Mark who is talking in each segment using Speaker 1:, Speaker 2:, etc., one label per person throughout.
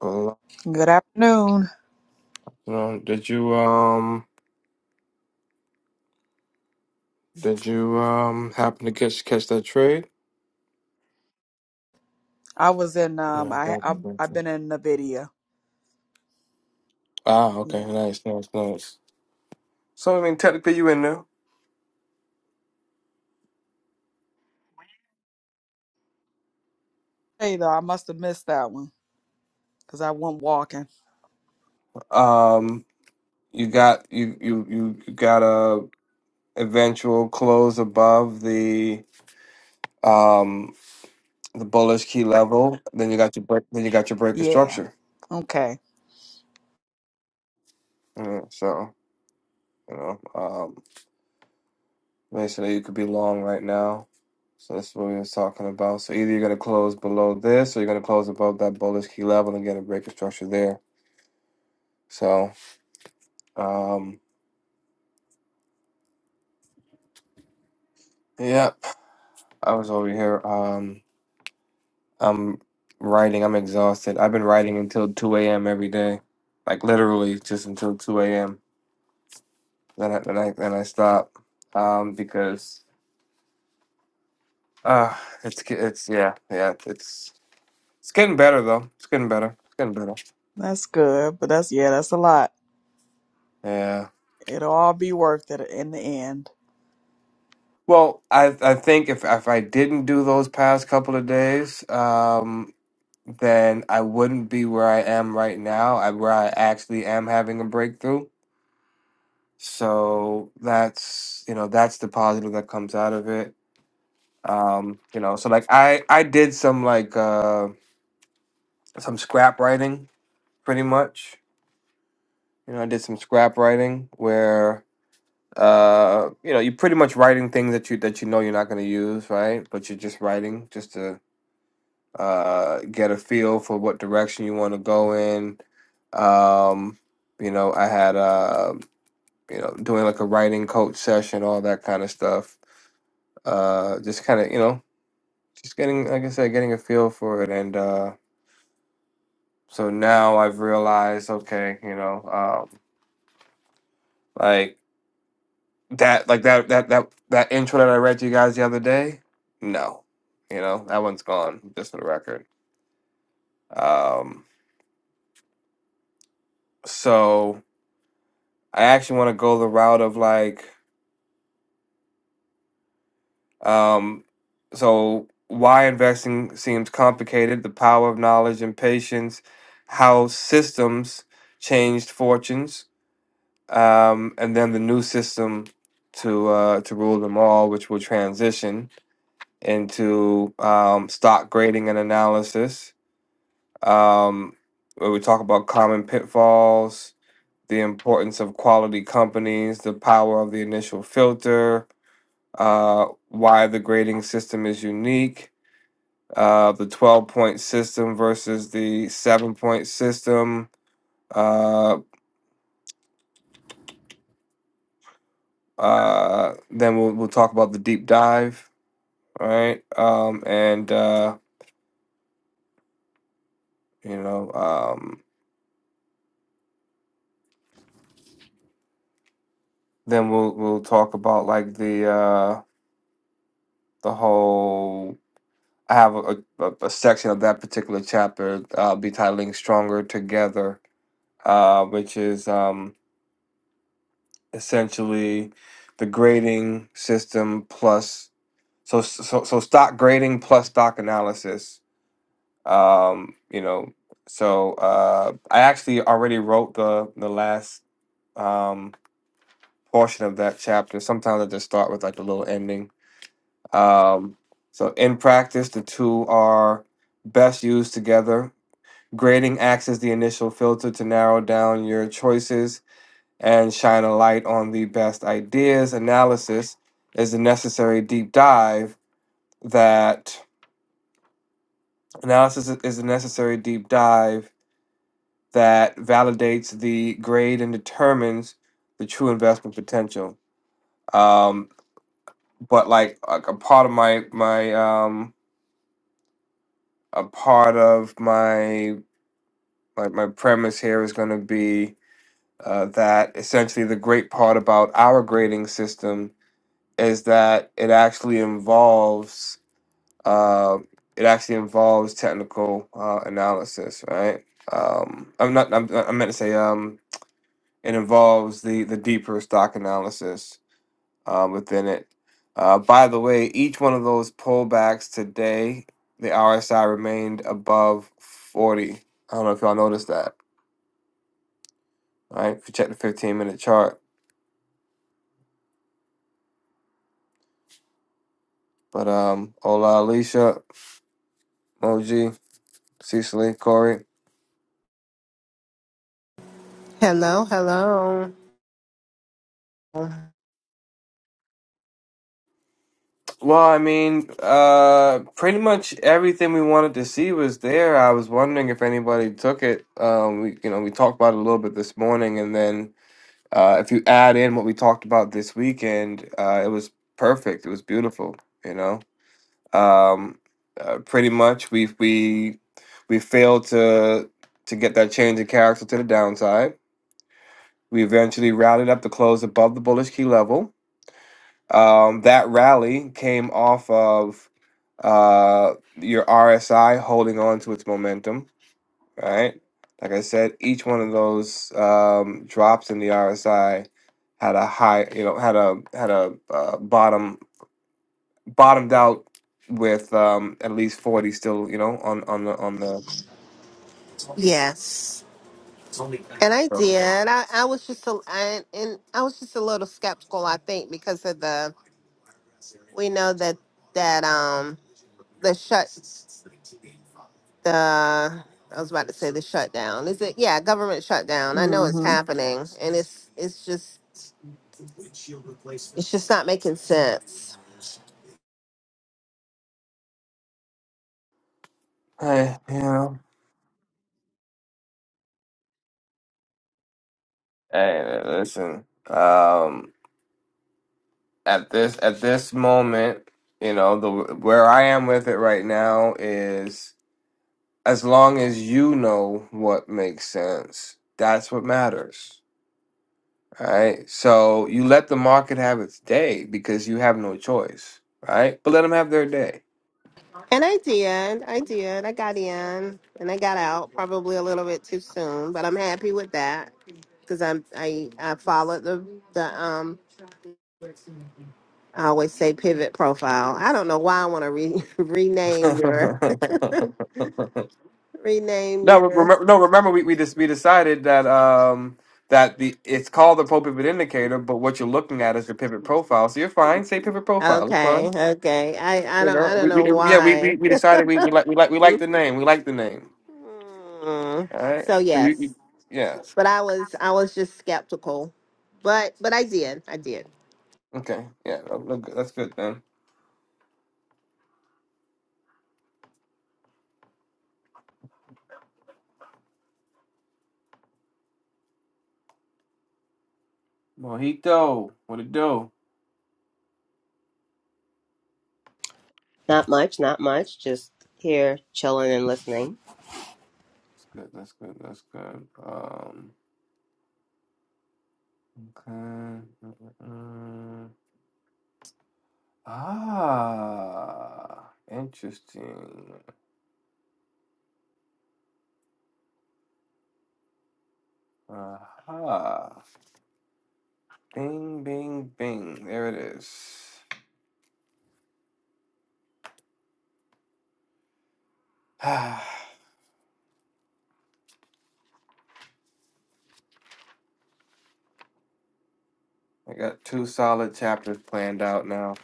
Speaker 1: Well,
Speaker 2: Good afternoon.
Speaker 1: uh, did you um did you um happen to catch catch that trade?
Speaker 2: I was in um
Speaker 1: Yeah, I got
Speaker 2: I I
Speaker 1: it. Got
Speaker 2: I've
Speaker 1: you.
Speaker 2: been in Nvidia.
Speaker 1: Ah, okay,
Speaker 2: Yeah.
Speaker 1: nice, nice, nice. So I mean, technically you in there.
Speaker 2: Hey though, I must have missed that one cuz I went walking.
Speaker 1: Um, you got you you you you got a eventual close above the um the bullish key level. Then you got your break. Then you got your break of
Speaker 2: Yeah.
Speaker 1: structure.
Speaker 2: Okay.
Speaker 1: Yeah, so you know. um, Basically, you could be long right now. So that's what we was talking about. So either you're gonna close below this or you're gonna close above that bullish key level and get a break of structure there. So um yeah, I was over here. Um I'm writing, I'm exhausted. I've been writing until two AM every day. Like literally just until two AM. Then I then I then I stop. Um because uh it's ge- it's yeah, yeah, it's it's getting better though. It's getting better. It's getting better.
Speaker 2: That's good, but that's yeah, that's a lot.
Speaker 1: Yeah.
Speaker 2: It'll all be worth it in the end.
Speaker 1: Well, I I think if if I didn't do those past couple of days, um, then I wouldn't be where I am right now. I where I actually am having a breakthrough. So that's you know that's the positive that comes out of it. Um, you know, so like I I did some like uh some scrap writing pretty much. You know, I did some scrap writing where uh you know you're pretty much writing things that you that you know you're not going to use right but you're just writing just to uh, get a feel for what direction you want to go in. Um, you know, I had uh, you know doing like a writing coach session, all that kind of stuff. Uh, just kind of you know, just getting like I said, getting a feel for it, and uh, so now I've realized, okay, you know, um, like that, like that, that, that, that intro that I read to you guys the other day, no, you know, that one's gone, just for the record. Um, so I actually want to go the route of like Um, so, why investing seems complicated, the power of knowledge and patience, how systems changed fortunes, um, and then the new system to uh, to rule them all, which will transition into um, stock grading and analysis, um, where we talk about common pitfalls, the importance of quality companies, the power of the initial filter, uh, why the grading system is unique uh, the 12 point system versus the seven point system. Uh, uh, then we'll, we'll talk about the deep dive, right? Um, and, uh, you know, um, then we'll, we'll talk about like the, uh, the whole, I have a, a, a section of that particular chapter, uh, I'll be titling Stronger Together, uh, which is, um, essentially the grading system plus So so so stock grading plus stock analysis. Um, you know, so uh, I actually already wrote the the last um, portion of that chapter. Sometimes I just start with like a little ending. Um, so in practice, the two are best used together. Grading acts as the initial filter to narrow down your choices and shine a light on the best ideas. Analysis is the necessary deep dive that Analysis i- is a necessary deep dive that validates the grade and determines the true investment potential. Um, but like a, a part of my my um, a part of my like my premise here is going to be uh, that essentially the great part about our grading system is that it actually involves uh, it actually involves technical uh, analysis, right? Um, I'm not. I'm, I meant to say. Um, and involves the the deeper stock analysis uh, within it. Uh, by the way, each one of those pullbacks today, the RSI remained above 40. I don't know if y'all noticed that. All right, if you check the 15 minute chart. But um, Ola, Alicia, Moji, Cecily, Corey.
Speaker 3: Hello, hello.
Speaker 1: Well, I mean, uh, pretty much everything we wanted to see was there. I was wondering if anybody took it. Um, we, you know, we talked about it a little bit this morning, and then Uh, if you add in what we talked about this weekend, uh, it was perfect. It was beautiful. You know, um, uh, pretty much we we we failed to to get that change in character to the downside. We eventually rallied up to close above the bullish key level. Um, that rally came off of uh, your RSI holding on to its momentum Right, Like I said, each one of those um, drops in the RSI had a high, you know, had a had a uh, bottom bottomed out with um, at least forty still, you know, on on the on the.
Speaker 3: Yes, and I
Speaker 1: So,
Speaker 3: did. I, I was just a, I, and I was just a little skeptical. I think because of the we know that that um the shut the I was about to say the shutdown. Is it? Yeah, government shutdown. I know it's
Speaker 2: Mhm.
Speaker 3: happening, and it's it's just it's just not making sense.
Speaker 1: Hey, you know, hey, listen. Um, at this at this moment, you know, the where I am with it right now is as long as you know what makes sense, that's what matters right? So you let the market have its day because you have no choice, right? But let them have their day.
Speaker 3: And I did. I did. I got in and I got out probably a little bit too soon, but I'm happy with that because I'm I I followed the the um I always say pivot profile. I don't know why I want to re- rename
Speaker 1: no,
Speaker 3: your rename your
Speaker 1: remember, no, remember we we just we decided that um that the it's called the pro pivot indicator, but what you're looking at is the pivot profile. So you're fine. Say pivot profile. It's fine.
Speaker 3: okay okay I I
Speaker 1: You
Speaker 3: don't
Speaker 1: know,
Speaker 3: I don't
Speaker 1: we, we,
Speaker 3: know
Speaker 1: yeah, we, we,
Speaker 3: why.
Speaker 1: we decided we, we like we like we like the name. We like the name.
Speaker 3: Mm.
Speaker 1: All right.
Speaker 3: so
Speaker 1: So you,
Speaker 3: yes,
Speaker 1: you yes.
Speaker 3: but I was I was just skeptical, but but I did I did.
Speaker 1: Okay. Yeah. that look good. That's good then. Mojito. What it do?
Speaker 4: Not much, not much. Just here chilling and listening.
Speaker 1: That's good. That's good. That's good. Um, okay. Mm-mm. Ah, interesting. Aha. Bing, bing, bing. There it is. I got two solid chapters planned out now.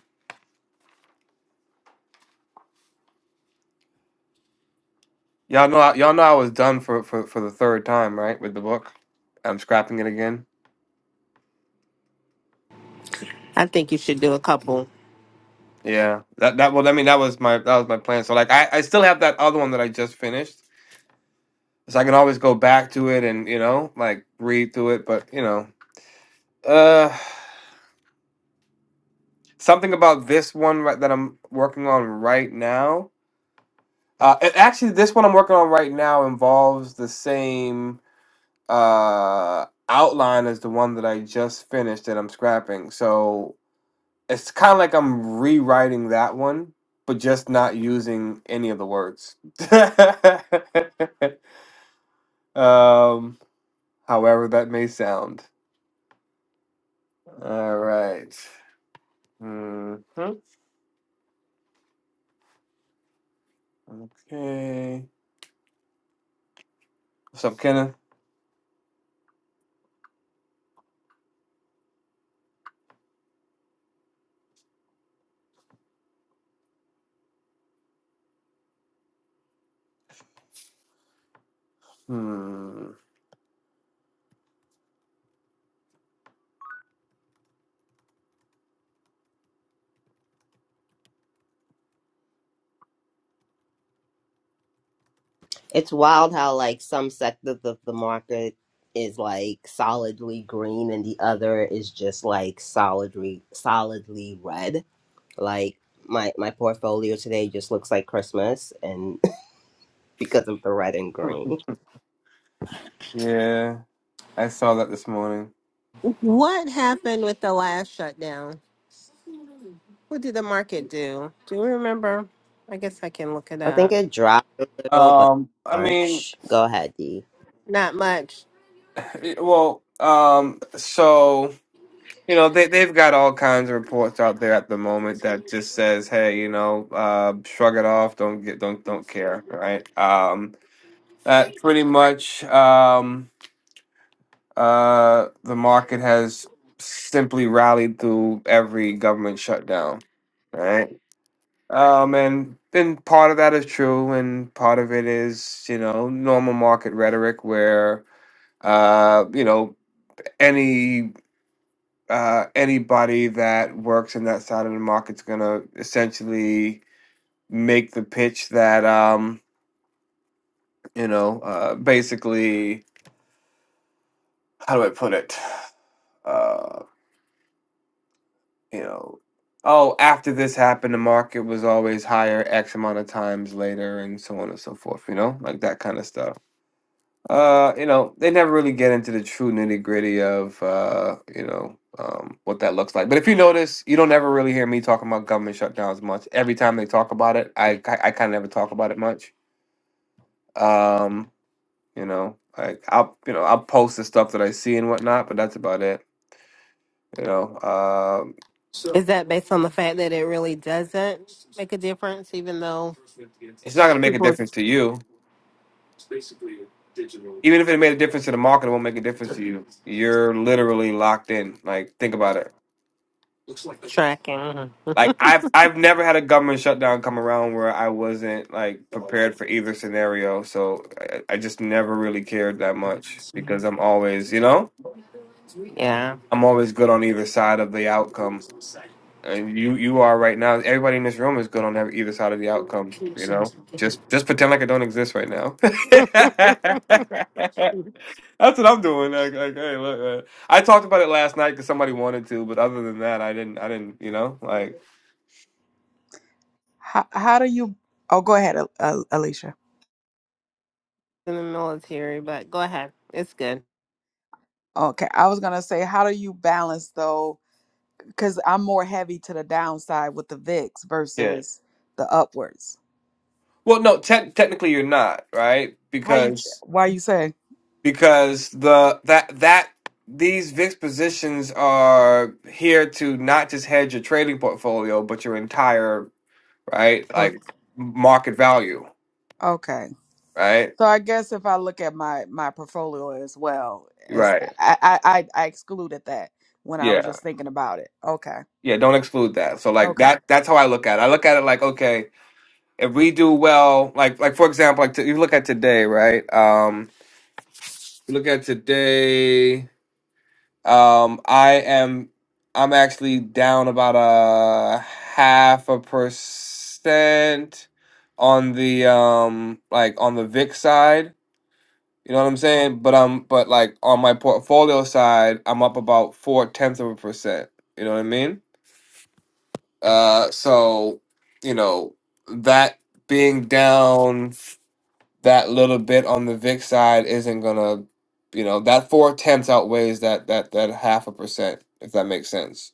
Speaker 1: Y'all know, I, y'all know I was done for, for, for the third time, right, with the book. I'm scrapping it again.
Speaker 3: I think you should do a couple.
Speaker 1: Yeah, that that well, I mean, that was my that was my plan. So like, I I still have that other one that I just finished So I can always go back to it and, you know, like read through it. But, you know, uh, something about this one right, that I'm working on right now. Uh, a- actually, this one I'm working on right now involves the same uh, outline as the one that I just finished that I'm scrapping. So it's kind of like I'm rewriting that one, but just not using any of the words. um, however, that may sound. All right. Mm-hmm. Okay. What's up, Kenneth? Hmm.
Speaker 4: It's wild how like some sectors of the market is like solidly green and the other is just like solidly solidly red. Like my my portfolio today just looks like Christmas and because of the red and
Speaker 1: Hmm.
Speaker 4: green.
Speaker 1: Yeah, I saw that this morning.
Speaker 3: What happened with the last shutdown? What did the market do? Do you remember? I guess I can look it
Speaker 4: I think
Speaker 3: up.
Speaker 4: it dropped a little but
Speaker 1: Um, I
Speaker 4: not
Speaker 1: mean,
Speaker 4: much. Go ahead, D.
Speaker 3: Not much.
Speaker 1: it- well, um, so you know they they've got all kinds of reports out there at the moment that just says, hey, you know, uh, shrug it off, don't get, don't, don't care, right? Um, that pretty much, um, uh, the market has simply rallied through every government shutdown, right? Um, and and part of that is true, and part of it is you know normal market rhetoric where uh you know any uh anybody that works in that side of the market's gonna essentially make the pitch that um you know uh basically how do I put it uh you know oh after this happened the market was always higher X amount of times later and so on and so forth you know like that kind of stuff Uh, you know, they never really get into the true nitty gritty of uh, you know, um, what that looks like. But if you notice, you don't ever really hear me talking about government shutdowns much. Every time they talk about it, I I, I kind of never talk about it much. Um, you know, like I'll you know I'll post the stuff that I see and whatnot, but that's about it. You know, um,
Speaker 3: Is that based on the fact that it really doesn't make a difference, even though
Speaker 1: it's not gonna make a
Speaker 3: people
Speaker 1: difference to you. Even if it made a difference to the market, it won't make a difference to you. You're literally locked in. Like, think about it
Speaker 3: are tracking?
Speaker 1: Like I've I've never had a government shutdown come around where I wasn't like prepared for either scenario. So I, I just never really cared that much because I'm always, you know,
Speaker 3: Yeah.
Speaker 1: I'm always good on either side of the outcome. And you you are right now. Everybody in this room is good on ev- either side of the outcome. You know, just just pretend like I don't exist right now.
Speaker 3: In
Speaker 1: That's what I'm doing. Like, like hey, look, uh, I talked about it last night because somebody wanted to, but other than that, I didn't. I didn't. You know, like.
Speaker 2: How how do you Oh, go ahead, Al- Al- Alicia.
Speaker 3: the military, but go ahead. It's good.
Speaker 2: Okay. I was going to say how do you balance though cuz I'm more heavy to the downside with the VIX
Speaker 1: yeah.
Speaker 2: versus the upwards.
Speaker 1: Well, no, te- technically you're not right
Speaker 2: How you
Speaker 1: because
Speaker 2: why you say?
Speaker 1: because the that that these VIX positions are here to not just hedge your trading portfolio, but your entire right
Speaker 2: Or-
Speaker 1: like market value,
Speaker 2: Okay.
Speaker 1: right?
Speaker 2: So I guess if I look at my my portfolio as well as
Speaker 1: Right.
Speaker 2: I I, I I excluded that when I was
Speaker 1: Yeah.
Speaker 2: just thinking about it. Okay.
Speaker 1: Yeah. Don't exclude that. So like
Speaker 2: Okay.
Speaker 1: that that's how I look at it. I look at it like okay, if we do well, like like for example, like to, you look at today, right? Um, you look at today. Um, I am I'm actually down about a half a percent on the um like on the VIX side. You know what I'm saying? But um but like on my portfolio side, I'm up about four tenths of a percent. You know what I mean? Uh so you know that being down that little bit on the VIX side isn't gonna you know that four tenths outweighs that that that half a percent if that makes sense.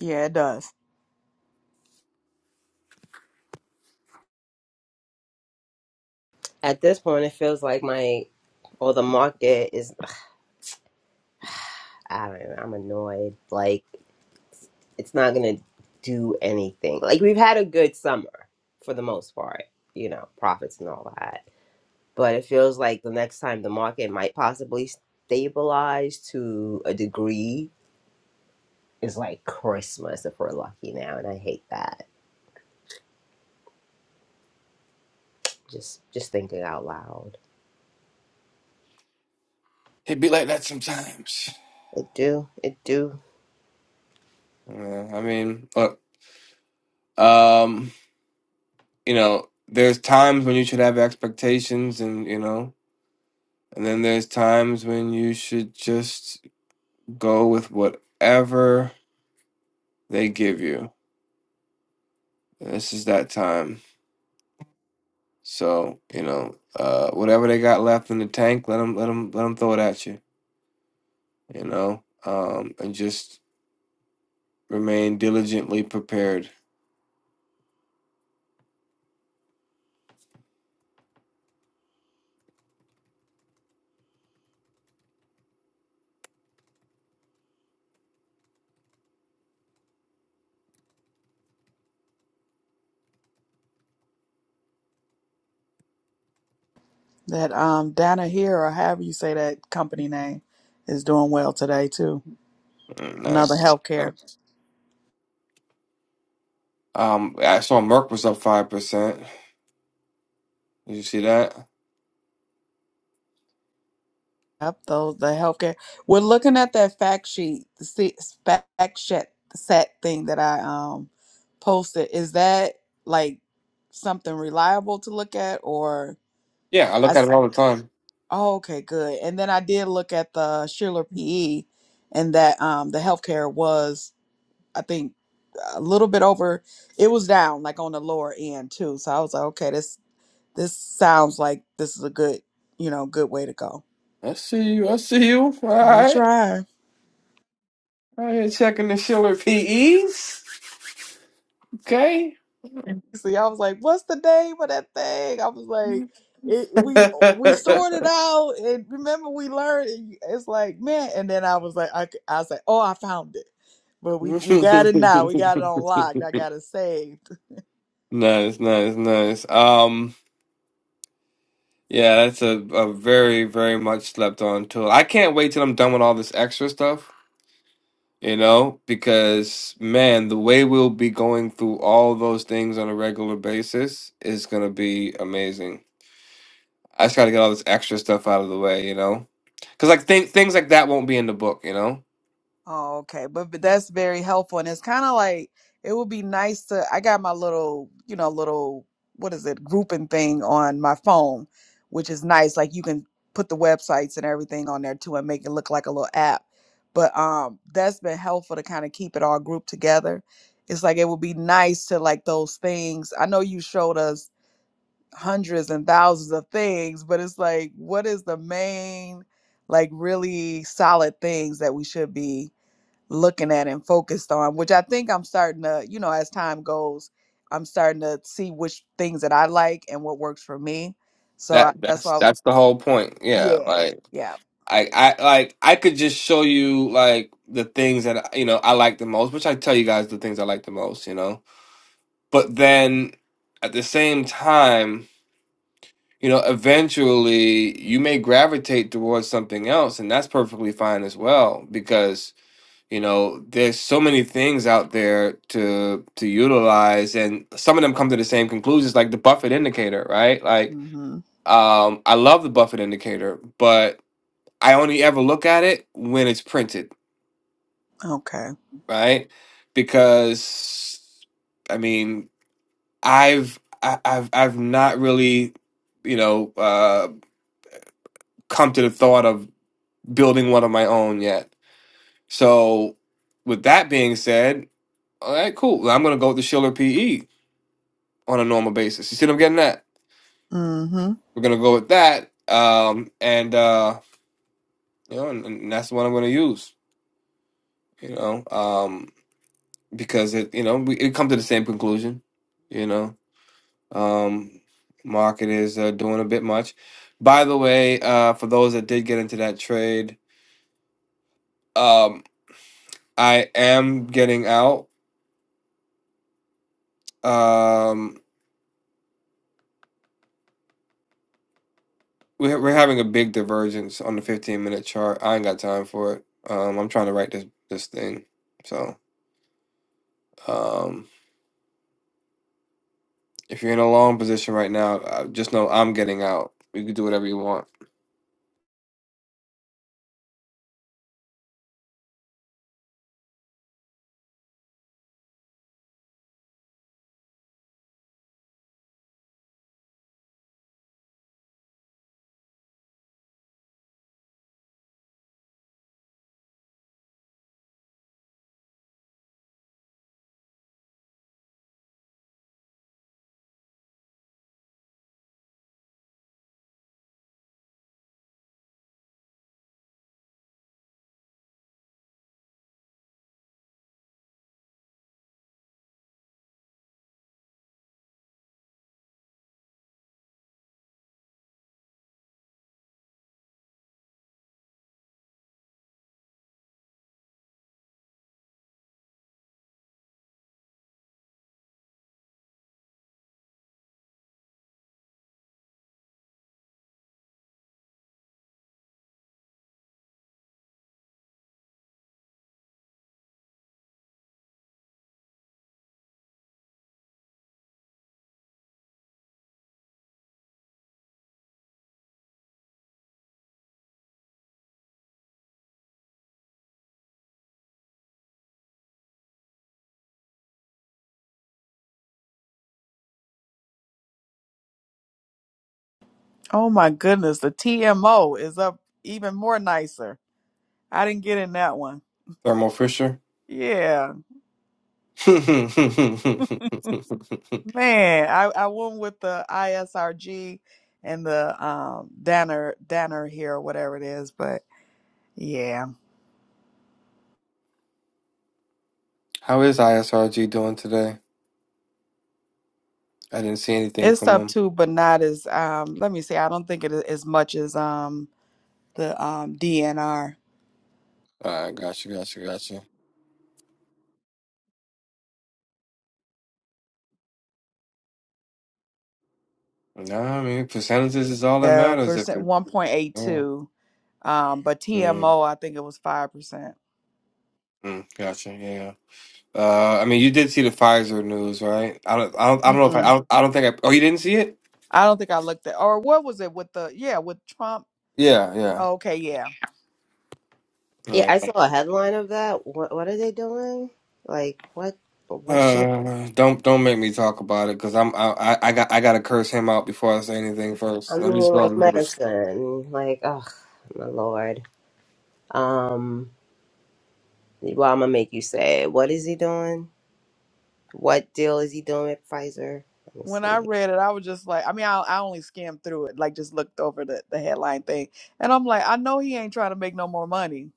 Speaker 2: Yeah, it does.
Speaker 4: At this point it feels like my or the market is I don't know, I'm annoyed. Like it's not gonna do anything. Like we've had a good summer for the most part, you know, profits and all that. But it feels like the next time the market might possibly stabilize to a degree is like Christmas if we're lucky now, and I hate that. Just just thinking out loud.
Speaker 1: It be like that sometimes.
Speaker 4: It do, it do.
Speaker 1: Uh, I mean, look, um, you know, there's times when you should have expectations, and you know, and then there's times when you should just go with whatever they give you. This is that time. So you know, uh, whatever they got left in the tank, let them, let them, let them throw it at you. You know, um, and just remain diligently prepared.
Speaker 2: That um Dana here or however you say that company name is doing well today too.
Speaker 1: Mm,
Speaker 2: Another
Speaker 1: Nice, nice.
Speaker 2: healthcare.
Speaker 1: nice. Um, I saw Merck was up five percent. Did you see that?
Speaker 2: Yep, those the healthcare. We're looking at that fact sheet, the se- fact set set thing that I um posted. Is that like something reliable to look at or?
Speaker 1: Yeah, I look at it all the time.
Speaker 2: Oh, okay, good. And then I did look at the Schiller PE, and that um the healthcare was, I think, a little bit over. It was down, like on the lower end too. So I was like, okay, this this sounds like this is a good, you know, good way to go.
Speaker 1: I see you. I see you. All
Speaker 2: We
Speaker 1: right.
Speaker 2: try.
Speaker 1: All right, checking the Schiller PEs. Okay.
Speaker 2: See, I was like, "What's the name of that thing?" I was like, it, "We uh, we sorted it out, and remember we learned." and It's like, man, and then I was like, I, c- I was like, "Oh, I found it," but we we got it now. We got it on lock. I got it saved.
Speaker 1: nice, nice, nice. Um, yeah, that's a, a very, very much slept on tool. I can't wait till I'm done with all this extra stuff, you know, because man, the way we'll be going through all those things on a regular basis is gonna be amazing. I just got to get all this extra stuff out of the way, you know, because like th- things like that won't be in the book, you know.
Speaker 2: Oh, okay. But, but that's very helpful. And it's kind of like it would be nice to. I got my little, you know, little, what is it, grouping thing on my phone, which is nice. Like you can put the websites and everything on there too and make it look like a little app. But um that's been helpful to kind of keep it all grouped together. It's like it would be nice to like those things. I know you showed us hundreds and thousands of things, but it's like, what is the main, like, really solid things that we should be? looking at and focused on, which I think I'm starting to, you know, as time goes, I'm starting to see which things that I like and what works for me. So I,
Speaker 1: That
Speaker 2: that's
Speaker 1: that's
Speaker 2: why, I was,
Speaker 1: that's the whole point. Yeah,
Speaker 2: yeah,
Speaker 1: like
Speaker 2: yeah.
Speaker 1: I I like I could just show you like the things that you know I like the most, which I tell you guys the things I like the most, you know. But then at the same time, you know, eventually you may gravitate towards something else, and that's perfectly fine as well because you know there's so many things out there to to utilize and some of them come to the same conclusions like the buffett indicator right like
Speaker 2: hmm
Speaker 1: um i love the buffett indicator but i only ever look at it when it's printed
Speaker 2: Okay.
Speaker 1: right because i mean i've I- i've i've not really you know uh come to the thought of building one of my own yet so with that being said all right cool Well, i'm gonna go with the schiller pe on a normal basis. You see what I'm getting at?
Speaker 2: hmm
Speaker 1: We're gonna go with that, um, and uh, you know, and, and that's the one I'm gonna use. You know, um, because it, you know, we it come to the same conclusion. You know, um, market is uh, doing a bit much. By the way, uh, for those that did get into that trade, um, I am getting out. Um, we're we're having a big divergence on the 15 minute chart. I ain't got time for it. Um, I'm trying to write this this thing, so. Um, If you're in a long position right now, uh, just know I'm getting out. You can do whatever you want.
Speaker 2: Oh my goodness, the TMO is up even more nicer. I didn't get in that one.
Speaker 1: Thermal Fisher.
Speaker 2: Yeah,
Speaker 1: How
Speaker 2: man, I, I went with the ISRG and the um Danner Danner here, or whatever it is, but yeah.
Speaker 1: is ISRG doing today? I didn't see anything
Speaker 2: It's
Speaker 1: from
Speaker 2: up
Speaker 1: him.
Speaker 2: too, but not as um. Let me see. I don't think it is as much as um the um DNR.
Speaker 1: Uh, gotcha, gotcha, gotcha. No, I mean percentages is all that
Speaker 2: Yeah,
Speaker 1: matters. If
Speaker 2: percent
Speaker 1: it,
Speaker 2: one point eight
Speaker 1: yeah,
Speaker 2: two. Um, but
Speaker 1: yeah,
Speaker 2: TMO, I think it was five percent.
Speaker 1: mm, gotcha, yeah. yeah. Uh, I mean, you did see the Pfizer news, right? I don't, I don't, I don't know if I, I
Speaker 2: Mm-mm.
Speaker 1: don't, I don't think I. Oh, you didn't see it?
Speaker 2: I don't think I looked at or what was it with the yeah with Trump.
Speaker 1: Yeah, yeah,
Speaker 2: Oh, okay, yeah.
Speaker 4: Yeah,
Speaker 1: yeah.
Speaker 4: I saw a headline of that. What what are they doing? Like what what should
Speaker 1: Uh, don't don't make me talk about it because I'm I, I I got I gotta curse him out before I say anything
Speaker 4: I
Speaker 1: first. Let
Speaker 4: mean
Speaker 1: me just go ahead
Speaker 4: like
Speaker 1: and-
Speaker 4: medicine. Like, oh my lord. Um Well, I'm gonna make you sad. What is he doing? What deal is he doing with Pfizer? Let me
Speaker 2: When I
Speaker 4: see.
Speaker 2: read it, I was just like, I mean, I, I only skimmed through it, like just looked over the the headline thing, and I'm like, I know he ain't trying to make no more money,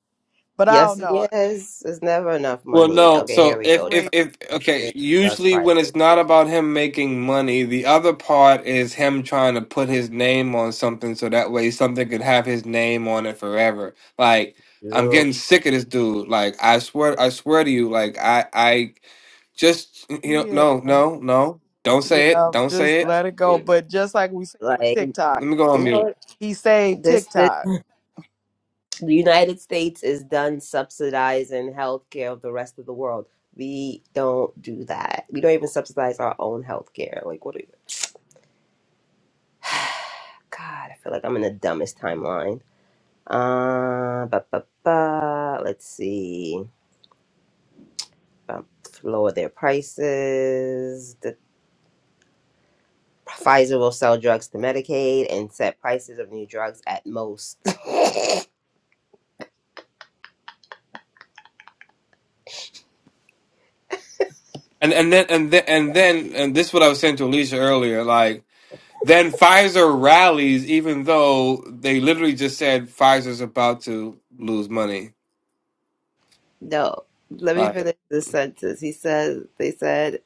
Speaker 2: but I
Speaker 4: Yes,
Speaker 2: don't know.
Speaker 4: yes. There's never enough
Speaker 1: Well,
Speaker 4: money.
Speaker 1: no.
Speaker 4: Okay, here
Speaker 1: So
Speaker 4: we
Speaker 1: if
Speaker 4: go.
Speaker 1: if
Speaker 2: Crazy,
Speaker 4: Trump
Speaker 1: if okay,
Speaker 4: announces drug
Speaker 1: usually when
Speaker 4: pricing
Speaker 1: it's not about him making money, the other part is him trying to put his name on something so that way something could have his name on it forever. Like I'm
Speaker 4: deal.
Speaker 1: getting sick of this dude. Like I swear I swear to you. Like I I just you know no
Speaker 2: yeah.
Speaker 1: no no don't say it
Speaker 2: Yeah,
Speaker 1: don't say
Speaker 2: just
Speaker 1: it.
Speaker 2: let it go.
Speaker 4: Yep.
Speaker 2: But just like we said with
Speaker 4: Like,
Speaker 1: Let
Speaker 2: TikTok,
Speaker 1: me go
Speaker 4: you
Speaker 1: on mute.
Speaker 4: know,
Speaker 2: he saved
Speaker 4: this, this
Speaker 2: TikTok.
Speaker 4: the United States is done subsidizing healthcare of the rest of the world. We don't do that. We don't even subsidize our own healthcare. Like, what? Are you, God, I feel like I'm in the dumbest timeline. Uh, ba ba ba. Let's see. um, lower their prices. The Pfizer will sell drugs to Medicaid and set prices of new drugs at most.
Speaker 1: And and then and then and then and this is what I was saying to Alicia earlier. Like then Pfizer rallies, even though they literally just said Pfizer's about to lose money.
Speaker 4: No, let me
Speaker 1: Like
Speaker 4: finish this sentence. He said they said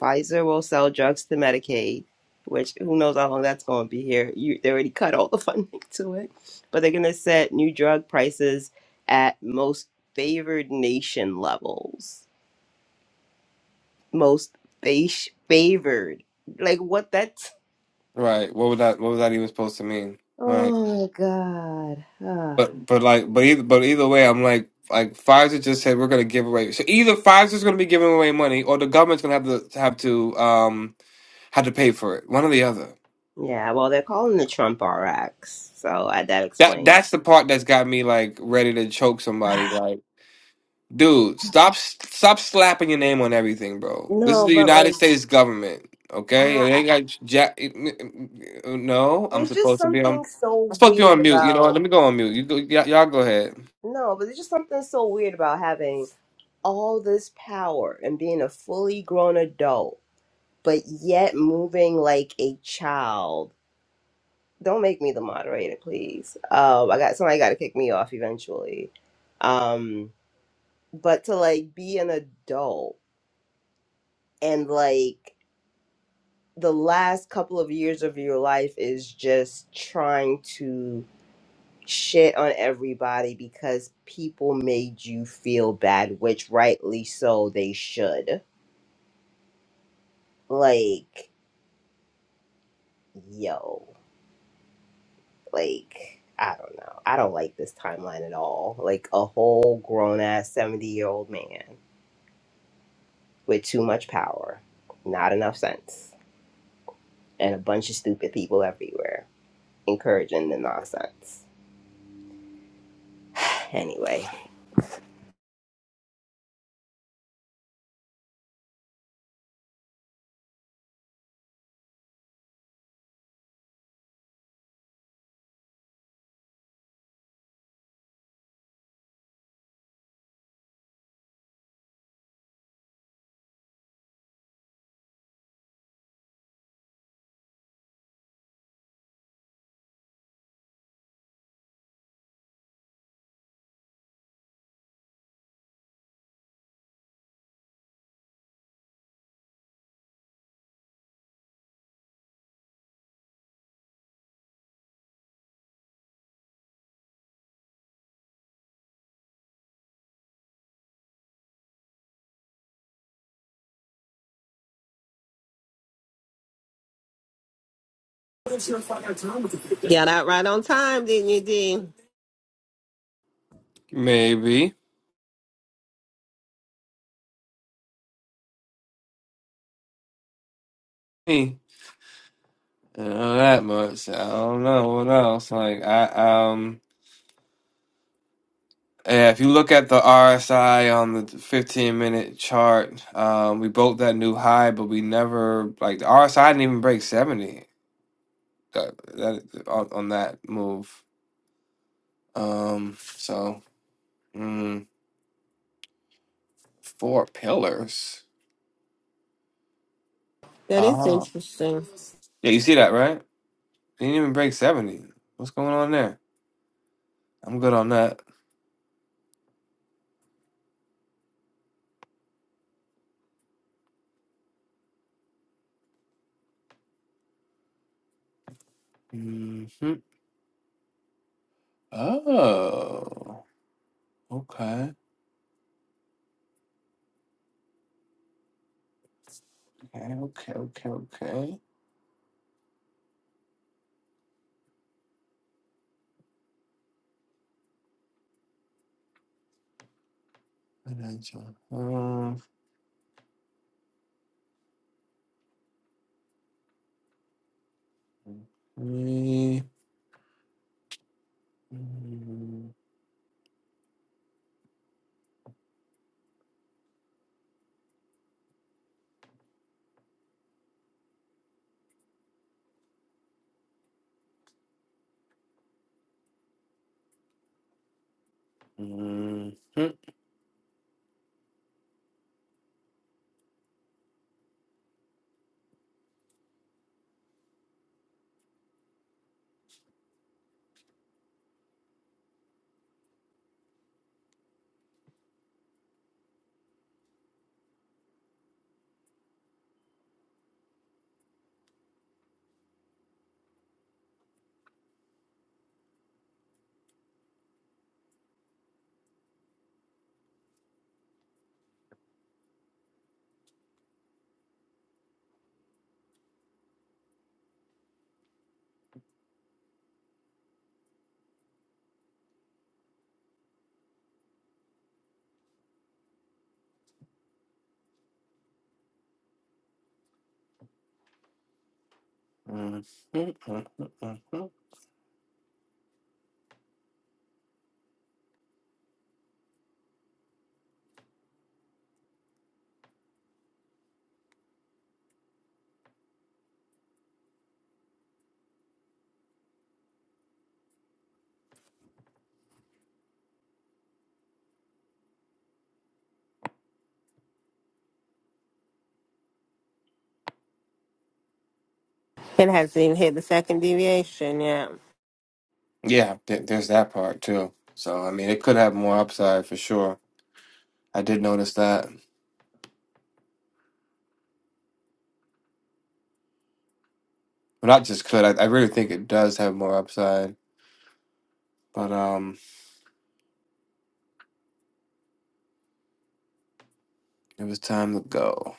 Speaker 4: Pfizer will sell drugs to Medicaid, which who knows how long that's going to be here. You they already cut all the funding to it, but they're going to set new drug prices at most favored nation levels. Most fa- favored, like what that?
Speaker 1: right, what would that what was that even supposed to mean? Right,
Speaker 4: Oh my God. Ah.
Speaker 1: but but like but either but either way, I'm like like Pfizer just said we're going to give away. So either Pfizer's going to be giving away money, or the government's going to have to have to um have to pay for it. One or the other.
Speaker 4: Yeah, well, they're calling the Trump RX, so I, that
Speaker 1: That
Speaker 4: explains.
Speaker 1: that's the part that's got me like ready to choke somebody. like, Dude, stop stop slapping your name on everything, bro. This is
Speaker 4: No,
Speaker 1: the
Speaker 4: but
Speaker 1: United
Speaker 4: like,
Speaker 1: States government, okay? It
Speaker 4: I,
Speaker 1: ain't got jack. No, I'm
Speaker 4: there's just
Speaker 1: supposed to be on.
Speaker 4: something
Speaker 1: I'm
Speaker 4: so
Speaker 1: supposed to be
Speaker 4: weird
Speaker 1: on mute. You know what?
Speaker 4: about.
Speaker 1: Let me go on mute. You go, y- y'all go ahead.
Speaker 4: No, but there's just something so weird about having all this power and being a fully grown adult, but yet moving like a child. Don't make me the moderator, please. Um, I got somebody got to kick me off eventually. Um, but to like be an adult and like the last couple of years of your life is just trying to shit on everybody because people made you feel bad, which rightly so they should. Like, yo, like, I don't know. I don't like this timeline at all. Like, a whole grown ass 70 year old man with too much power, not enough sense, and a bunch of stupid people everywhere encouraging the nonsense. Anyway.
Speaker 3: Got out right on time, didn't you, D?
Speaker 1: Maybe me. I don't know that much. I don't know what else. Like I um. Yeah, if you look at the RSI on the 15 minute chart, um, we broke that new high, but we never like the RSI didn't even break 70. that, that on, on that move. Um, so mm, four pillars.
Speaker 3: That is
Speaker 1: Oh,
Speaker 3: interesting.
Speaker 1: yeah, you see that right? They didn't even break seventy. What's going on there? I'm good on that. hmm Oh, okay, okay, okay, okay, okay. Financial health, three. Mhm. Mhm. Mhm. Mhm. Mhm. mhm,
Speaker 3: It hasn't even hit the second deviation yet.
Speaker 1: Yeah, th- there's that part too. So I mean, it could have more upside for sure. I did notice that. Well, not just could. I, I really think it does have more upside. But um, it was time to go.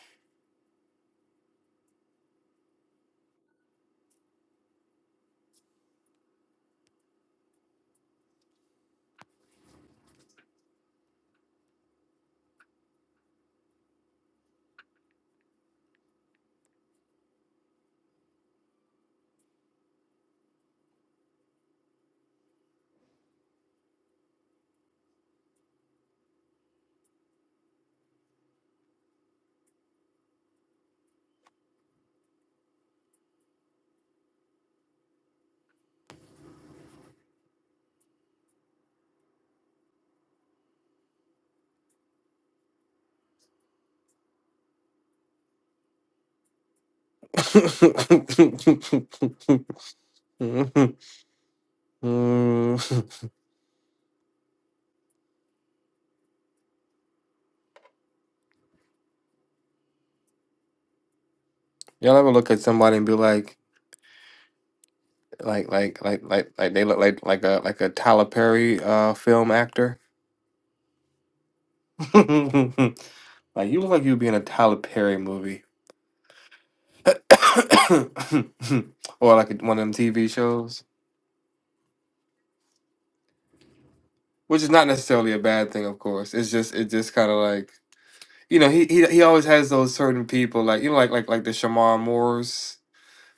Speaker 1: Y'all ever look at somebody and be like, like, like, like, like, like they look like like a like a Tyler Perry uh film actor? like you look like you'd be in a Tyler Perry movie, or like one of them TV shows. which is not necessarily a bad thing, of course. It's just it just kind of like you know he he he always has those certain people like you know like like like the Shamar Moores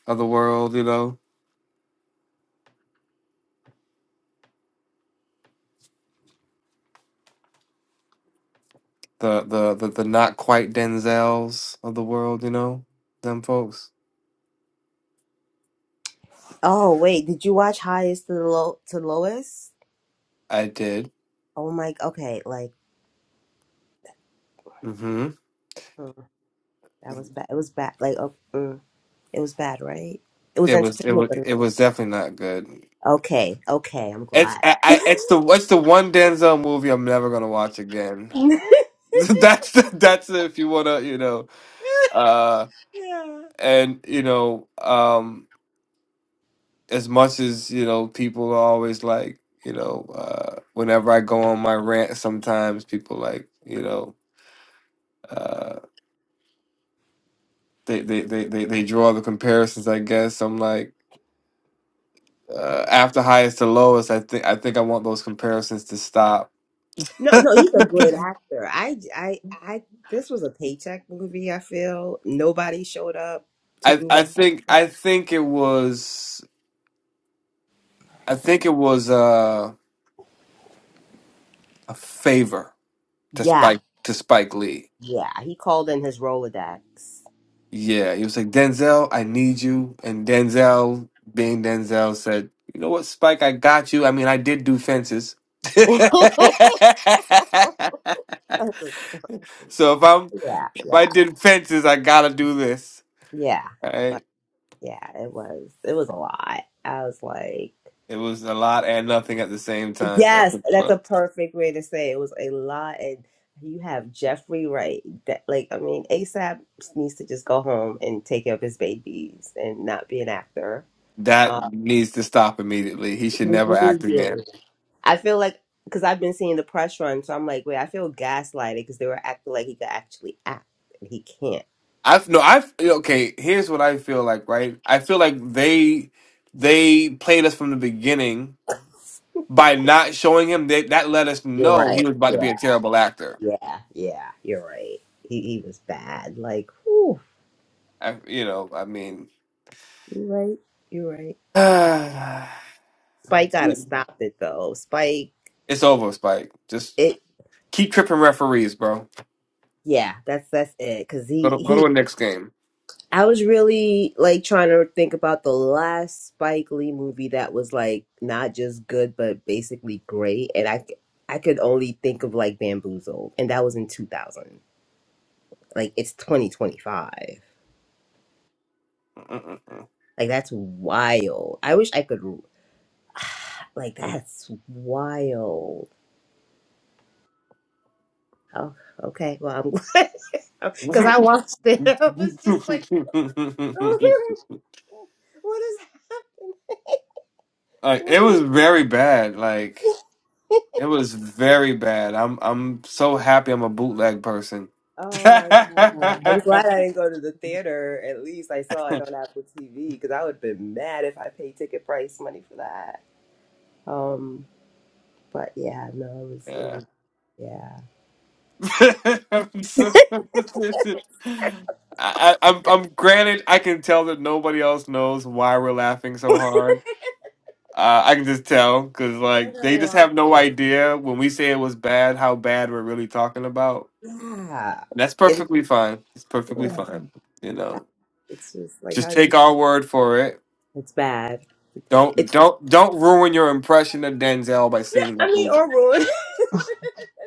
Speaker 1: of the world, you know the the the, the not quite Denzels of the world, you know them folks.
Speaker 4: Oh wait, did you watch Highest to the Low to Lowest?
Speaker 1: I did.
Speaker 4: Oh my, okay, like
Speaker 1: hmm
Speaker 4: mm, that was bad. It was bad. Like oh, mm, it was bad, right? It was
Speaker 1: It was it
Speaker 4: entertainment,
Speaker 1: was
Speaker 4: but
Speaker 1: it was definitely not good.
Speaker 4: okay, okay, I'm
Speaker 1: It's
Speaker 4: glad.
Speaker 1: I, I it's the it's the one Denzel movie I'm never gonna watch again. that's the, that's if you wanna you know uh
Speaker 4: Yeah.
Speaker 1: and you know um as much as you know people are always like you know uh whenever i go on my rant sometimes people like you know uh they they they they, they draw the comparisons i guess i'm like uh after highest to lowest i think i think i want those comparisons to stop
Speaker 4: No, no,
Speaker 1: i
Speaker 4: he's a great actor. I, I, I. This was a paycheck movie. I feel nobody showed up to do. Re-
Speaker 1: i think i think it was i think it was uh a favor to
Speaker 4: yeah,
Speaker 1: spike to spike lee
Speaker 4: yeah. He called in his Rolodex.
Speaker 1: Yeah, he was like, Denzel, I need you. And Denzel, being Denzel, said, You know what, Spike, I got you. I mean, I did do fences. so
Speaker 4: yeah,
Speaker 1: if I'm if I
Speaker 4: yeah,
Speaker 1: did fences, I gotta do this.
Speaker 4: yeah.
Speaker 1: All right.
Speaker 4: Yeah, it was. It was a lot. I was like,
Speaker 1: It was a lot and nothing at the same time. I
Speaker 4: yes,
Speaker 1: think,
Speaker 4: that's
Speaker 1: well,
Speaker 4: a perfect way to say it. It was a lot, and you have Jeffrey Wright. That, like, I mean, ASAP needs to just go home and take care of his babies and not be an actor.
Speaker 1: That
Speaker 4: Um,
Speaker 1: needs to stop immediately. He should never act again.
Speaker 4: I feel like because I've been seeing the press run, so I'm like, wait, I feel gaslighted because they were acting like he could actually act, and he can't.
Speaker 1: I have no, I have okay. Here's what I feel like. Right, I feel like they they played us from the beginning by not showing him that that let us
Speaker 4: You're
Speaker 1: know
Speaker 4: right.
Speaker 1: he was about to
Speaker 4: Yeah,
Speaker 1: be a terrible actor.
Speaker 4: yeah, yeah. You're right. He he was bad. Like, whew,
Speaker 1: I, you know, I mean,
Speaker 4: you're right. You're right. Spike gotta stop it though. Spike,
Speaker 1: it's over, Spike. Just
Speaker 4: it
Speaker 1: keep tripping referees, bro.
Speaker 4: yeah, that's that's it. Cause
Speaker 1: Go
Speaker 4: he
Speaker 1: to go to
Speaker 4: he,
Speaker 1: a next game.
Speaker 4: I was really like trying to think about the last Spike Lee movie that was like not just good but basically great, and I c- I could only think of like Bamboozled, and that was in two thousand. Like it's twenty twenty five. Like that's wild. I wish I could. Like that's wild. Oh, okay. Well, I'm because I watched it. I was just like. What is
Speaker 1: like
Speaker 4: what
Speaker 1: it
Speaker 4: is
Speaker 1: was very bad. Like it was very bad. I'm I'm so happy I'm a bootleg person.
Speaker 4: Oh my God.
Speaker 1: yeah.
Speaker 4: I'm glad I didn't go to the theater. At least I saw it on Apple TV because I would have been mad if I paid ticket price money for that. Um, but yeah, no, it was, it was, yeah.
Speaker 1: I'm so- I, I- I'm, I'm granted, I can tell that nobody else knows why we're laughing so hard. Uh, I can just tell because
Speaker 4: Yeah, I
Speaker 1: like they
Speaker 4: gotta
Speaker 1: just
Speaker 4: watch
Speaker 1: have no
Speaker 4: it.
Speaker 1: idea when we say it was bad how bad we're really talking about.
Speaker 4: Yeah.
Speaker 1: And that's
Speaker 4: And
Speaker 1: perfectly fine. It's perfectly
Speaker 4: ugh,
Speaker 1: fine. You know,
Speaker 4: it's just like,
Speaker 1: just
Speaker 4: how do
Speaker 1: take
Speaker 4: we,
Speaker 1: our word for it.
Speaker 4: it's bad.
Speaker 1: Don't
Speaker 4: It's,
Speaker 1: don't don't ruin your impression of Denzel by seeing
Speaker 4: I
Speaker 1: that
Speaker 4: mean,
Speaker 1: movie.
Speaker 4: or ruin.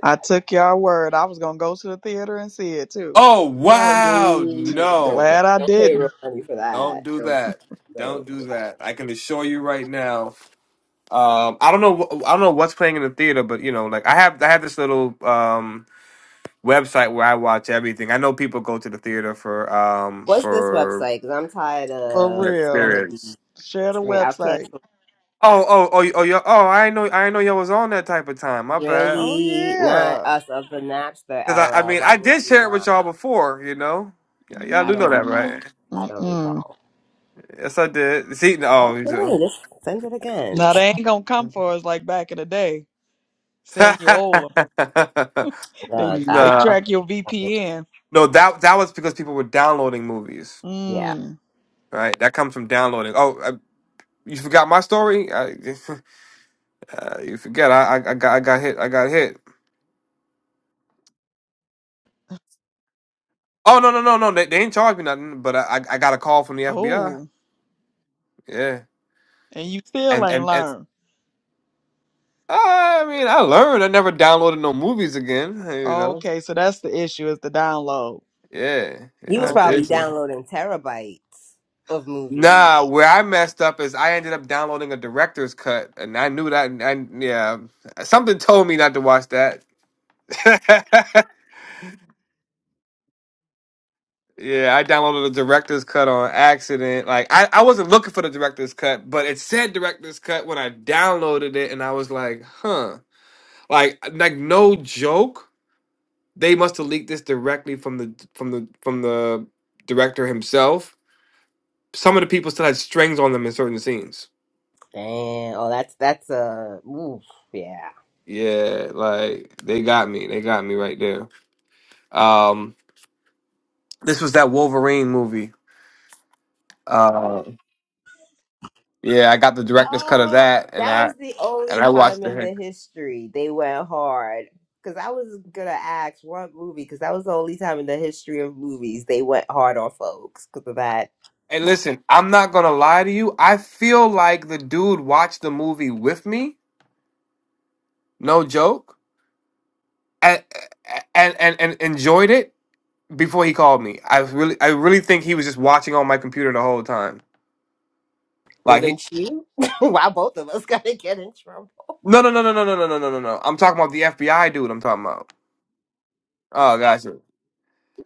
Speaker 2: I took your word. I was gonna go to the theater and see it too.
Speaker 1: Oh
Speaker 4: No,
Speaker 1: wow,
Speaker 4: no,
Speaker 1: no.
Speaker 4: don't pay,
Speaker 2: Glad I
Speaker 4: don't pay
Speaker 2: didn't.
Speaker 4: real money for
Speaker 1: Don't
Speaker 4: that.
Speaker 1: do
Speaker 4: No,
Speaker 1: that. Don't
Speaker 4: no.
Speaker 1: do that. I can assure you right now. Um, I don't know. wh- I don't know what's playing in the theater, but you know, like I have, I have this little um, website where I watch everything. I know people go to the theater for um,
Speaker 4: What's this
Speaker 1: for
Speaker 4: website? Because I'm tired
Speaker 2: For
Speaker 4: of
Speaker 1: an
Speaker 4: some
Speaker 2: real.
Speaker 4: of these
Speaker 1: experience.
Speaker 2: Share the
Speaker 4: stream. I've
Speaker 2: website.
Speaker 4: canceled
Speaker 1: Oh, oh, oh, oh, yo, oh! I did know, I did know y'all was on that type of time. My bad.
Speaker 2: Oh
Speaker 4: really not
Speaker 2: yeah.
Speaker 4: us of the Napster
Speaker 1: Because I, I
Speaker 4: era.
Speaker 1: mean,
Speaker 4: Why
Speaker 1: I
Speaker 4: would
Speaker 1: did
Speaker 4: we
Speaker 1: share it with
Speaker 4: not?
Speaker 1: y'all before. You know, y- y'all
Speaker 4: I
Speaker 1: do know
Speaker 4: don't
Speaker 1: that,
Speaker 2: Mm-mm.
Speaker 4: recall.
Speaker 1: right?
Speaker 4: I don't
Speaker 2: Mm-mm.
Speaker 4: recall.
Speaker 1: Yes, I did. See, no, you
Speaker 4: Okay,
Speaker 1: do.
Speaker 4: let's send it again.
Speaker 2: Now they ain't gonna come for us like back in the day, saying you old 'em. They
Speaker 4: Look, I
Speaker 2: they
Speaker 1: nah.
Speaker 2: track your VPN.
Speaker 1: No, that that was because people were downloading movies,
Speaker 4: yeah.
Speaker 2: Mm.
Speaker 1: right? That comes from downloading. Oh, I, you forgot my story? I, uh, you forget? I, I I got I got hit. I got hit. Oh no no no no! They, they ain't charged me nothing, but I I I got a call from the FBI.
Speaker 2: Oh,
Speaker 1: Yeah,
Speaker 2: and you still
Speaker 1: and
Speaker 2: ain't
Speaker 1: and and
Speaker 2: learned.
Speaker 1: I mean I learned. I never downloaded no movies again. You know?
Speaker 2: Okay, so that's the issue is the download.
Speaker 1: Yeah, yeah.
Speaker 4: He was
Speaker 1: That's the
Speaker 2: Okay.
Speaker 4: probably
Speaker 1: issue.
Speaker 4: downloading terabytes of movies.
Speaker 1: Nah, where I messed up is I ended up downloading a director's cut, and I knew that. And I, yeah, something told me not to watch that. Yeah, I downloaded the director's cut on accident. Like I, I wasn't looking for the director's cut, but it said director's cut when I downloaded it and I was like, "Huh." Like like no joke, they must have leaked this directly from the from the from the director himself. Some of the people still had strings on them in certain scenes.
Speaker 4: Damn. Oh, that's that's a oof. Yeah.
Speaker 1: Yeah, like they got me. They got me right there. Um this was that Wolverine movie. Uh yeah, I got the director's cut of
Speaker 4: Oh,
Speaker 1: that and
Speaker 4: that
Speaker 1: I
Speaker 4: was the
Speaker 1: and
Speaker 4: only
Speaker 1: I
Speaker 4: time
Speaker 1: watched
Speaker 4: in
Speaker 1: it.
Speaker 4: the history they went hard. Because I was gonna ask what movie, because that was the only time in the history of movies they went hard on folks because of that.
Speaker 1: Hey, listen, I'm not gonna lie to you. I feel like the dude watched the movie with me, no joke, and and and, and enjoyed it before he called me. I really, I really think he was just watching on my computer the whole time. Like he,
Speaker 4: Wouldn't you? Why both of us gotta get in trouble?
Speaker 1: no, no, no, no, no, no, no, no, no, no. no. I'm talking about the FBI dude. I'm talking about. Oh, gotcha.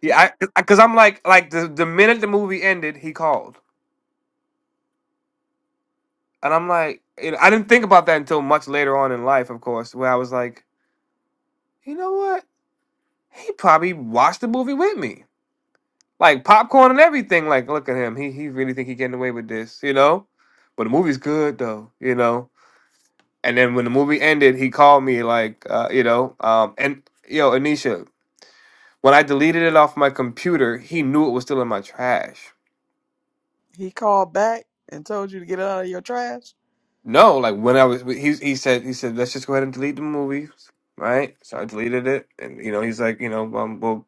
Speaker 1: Yeah, I, cause I'm like, like the the minute the movie ended, he called, and I'm like, you know, I didn't think about that until much later on in life, of course, where I was like, you know what? He probably watched the movie with me. like popcorn and everything. Like, look at him. He he really think he getting away with this, you know. But the movie's good though, you know. And then when the movie ended, he called me like, uh, you know, um, and yo, Anisha, when I deleted it off my computer, he knew it was still in my trash.
Speaker 2: He called back and told you to get out of your trash.
Speaker 1: No, like when I was, he he said he said let's just go ahead and delete the movie, right? So I deleted it, and you know he's like, you know, um, well,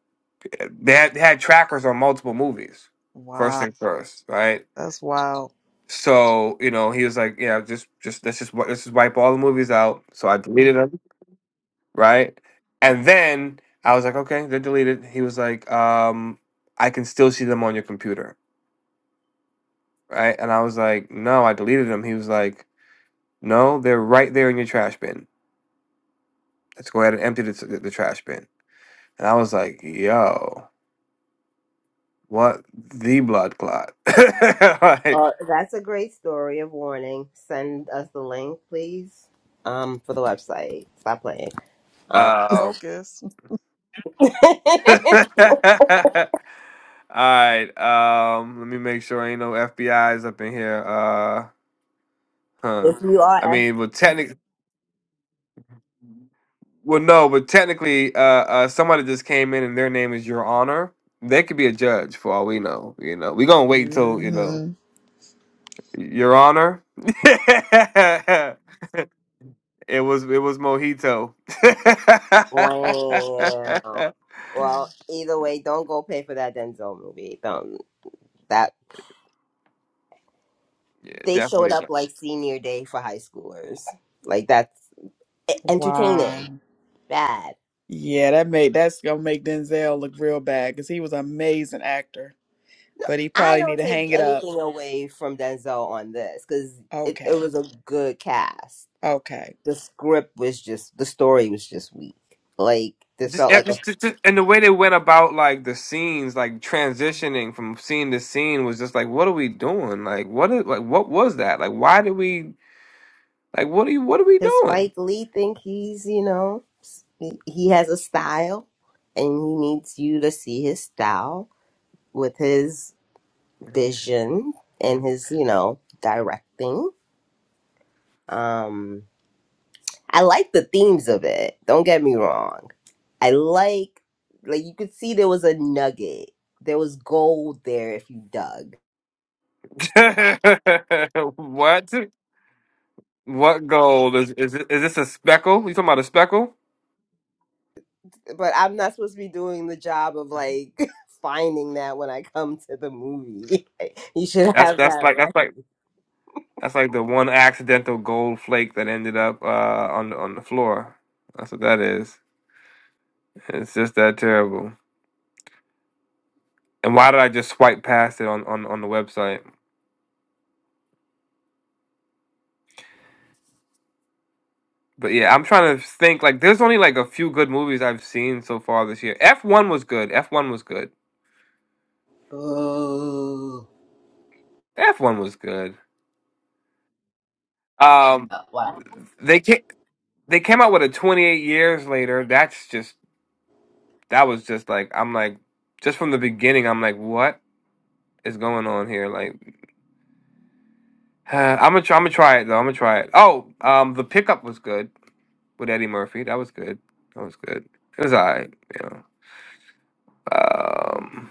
Speaker 1: eh, they had, they had trackers on multiple movies. First
Speaker 2: Wow,
Speaker 1: thing first, right?
Speaker 2: that's wild.
Speaker 1: So you know, he was like, "Yeah, just just let's just wi- let's just wipe all the movies out." So I deleted them, right? And then I was like, "Okay, they're deleted." He was like, um, "I can still see them on your computer, right?" And I was like, "No, I deleted them." He was like, "No, they're right there in your trash bin. Let's go ahead and empty the, t- the trash bin." And I was like, "Yo, what the blood clot?" like,
Speaker 4: Uh, that's a great story of warning. Send us the link, please. Um, for the website. Stop playing. Um,
Speaker 1: um,
Speaker 2: Focus.
Speaker 4: if
Speaker 1: All right. Um, let me make sure ain't no FBI's up in here. Uh, huh.
Speaker 4: you
Speaker 1: I
Speaker 4: are F,
Speaker 1: mean, well, technically, well, no, but technically, uh, uh, somebody just came in and their name is Your Honor. They could be a judge for all we know. You know, we gonna wait till you know,
Speaker 2: hmm
Speaker 1: Your Honor. it was it was mojito.
Speaker 4: wow.
Speaker 1: yeah,
Speaker 4: Well, either way, don't go pay for that Denzel movie. Don't that they showed
Speaker 1: definitely.
Speaker 4: up like senior day for high schoolers. Like that's e- entertaining.
Speaker 2: Wow.
Speaker 4: Bad.
Speaker 2: Yeah, that made that's gonna make Denzel look real bad because he was an amazing actor, but he
Speaker 4: I
Speaker 2: probably
Speaker 4: don't
Speaker 2: need to
Speaker 4: take
Speaker 2: hang it up.
Speaker 4: anything away from Denzel on this because it, it
Speaker 2: Okay,
Speaker 4: was a good cast.
Speaker 2: okay.
Speaker 4: The script was just the story was just weak. Like this
Speaker 1: just,
Speaker 4: felt
Speaker 1: yeah,
Speaker 4: like a
Speaker 1: just, just, just- and the way they went about like the scenes, like transitioning from scene to scene, was just like, what are we doing? Like, what is like, what was that? Like, why did we like, what are you, what are we
Speaker 4: does
Speaker 1: doing?
Speaker 4: Spike Lee think he's you know s- he he has a style and he needs you to see his style with his vision and his you know directing. Um I like the themes of it. Don't get me wrong. I like like you could see there was a nugget. There was gold there if you dug.
Speaker 1: what, what gold is is it- is this a speckle? You talking about a speckle?
Speaker 4: But I'm not supposed to be doing the job of like finding that when I come to the movie. you should
Speaker 1: That's
Speaker 4: have
Speaker 1: that's
Speaker 4: that
Speaker 1: like that's like
Speaker 4: ready.
Speaker 1: that's like the one accidental gold flake that ended up uh on the on the floor. That's what that is. It's just that terrible. And why did I just swipe past it on on on the website? But yeah, I'm trying to think. Like, there's only like a few good movies I've seen so far this year. F one was good. F one was good.
Speaker 4: Oh.
Speaker 1: F one was good. Um,
Speaker 4: Uh, Wow.
Speaker 1: they came they came out with a 28 years later. That's just that was just like I'm like just from the beginning. I'm like, what is going on here? Like, I'm gonna try, I'm gonna try it though. I'm gonna try it. Oh, um, the pickup was good with Eddie Murphy. That was good. That was good. It was alright. You know. Um,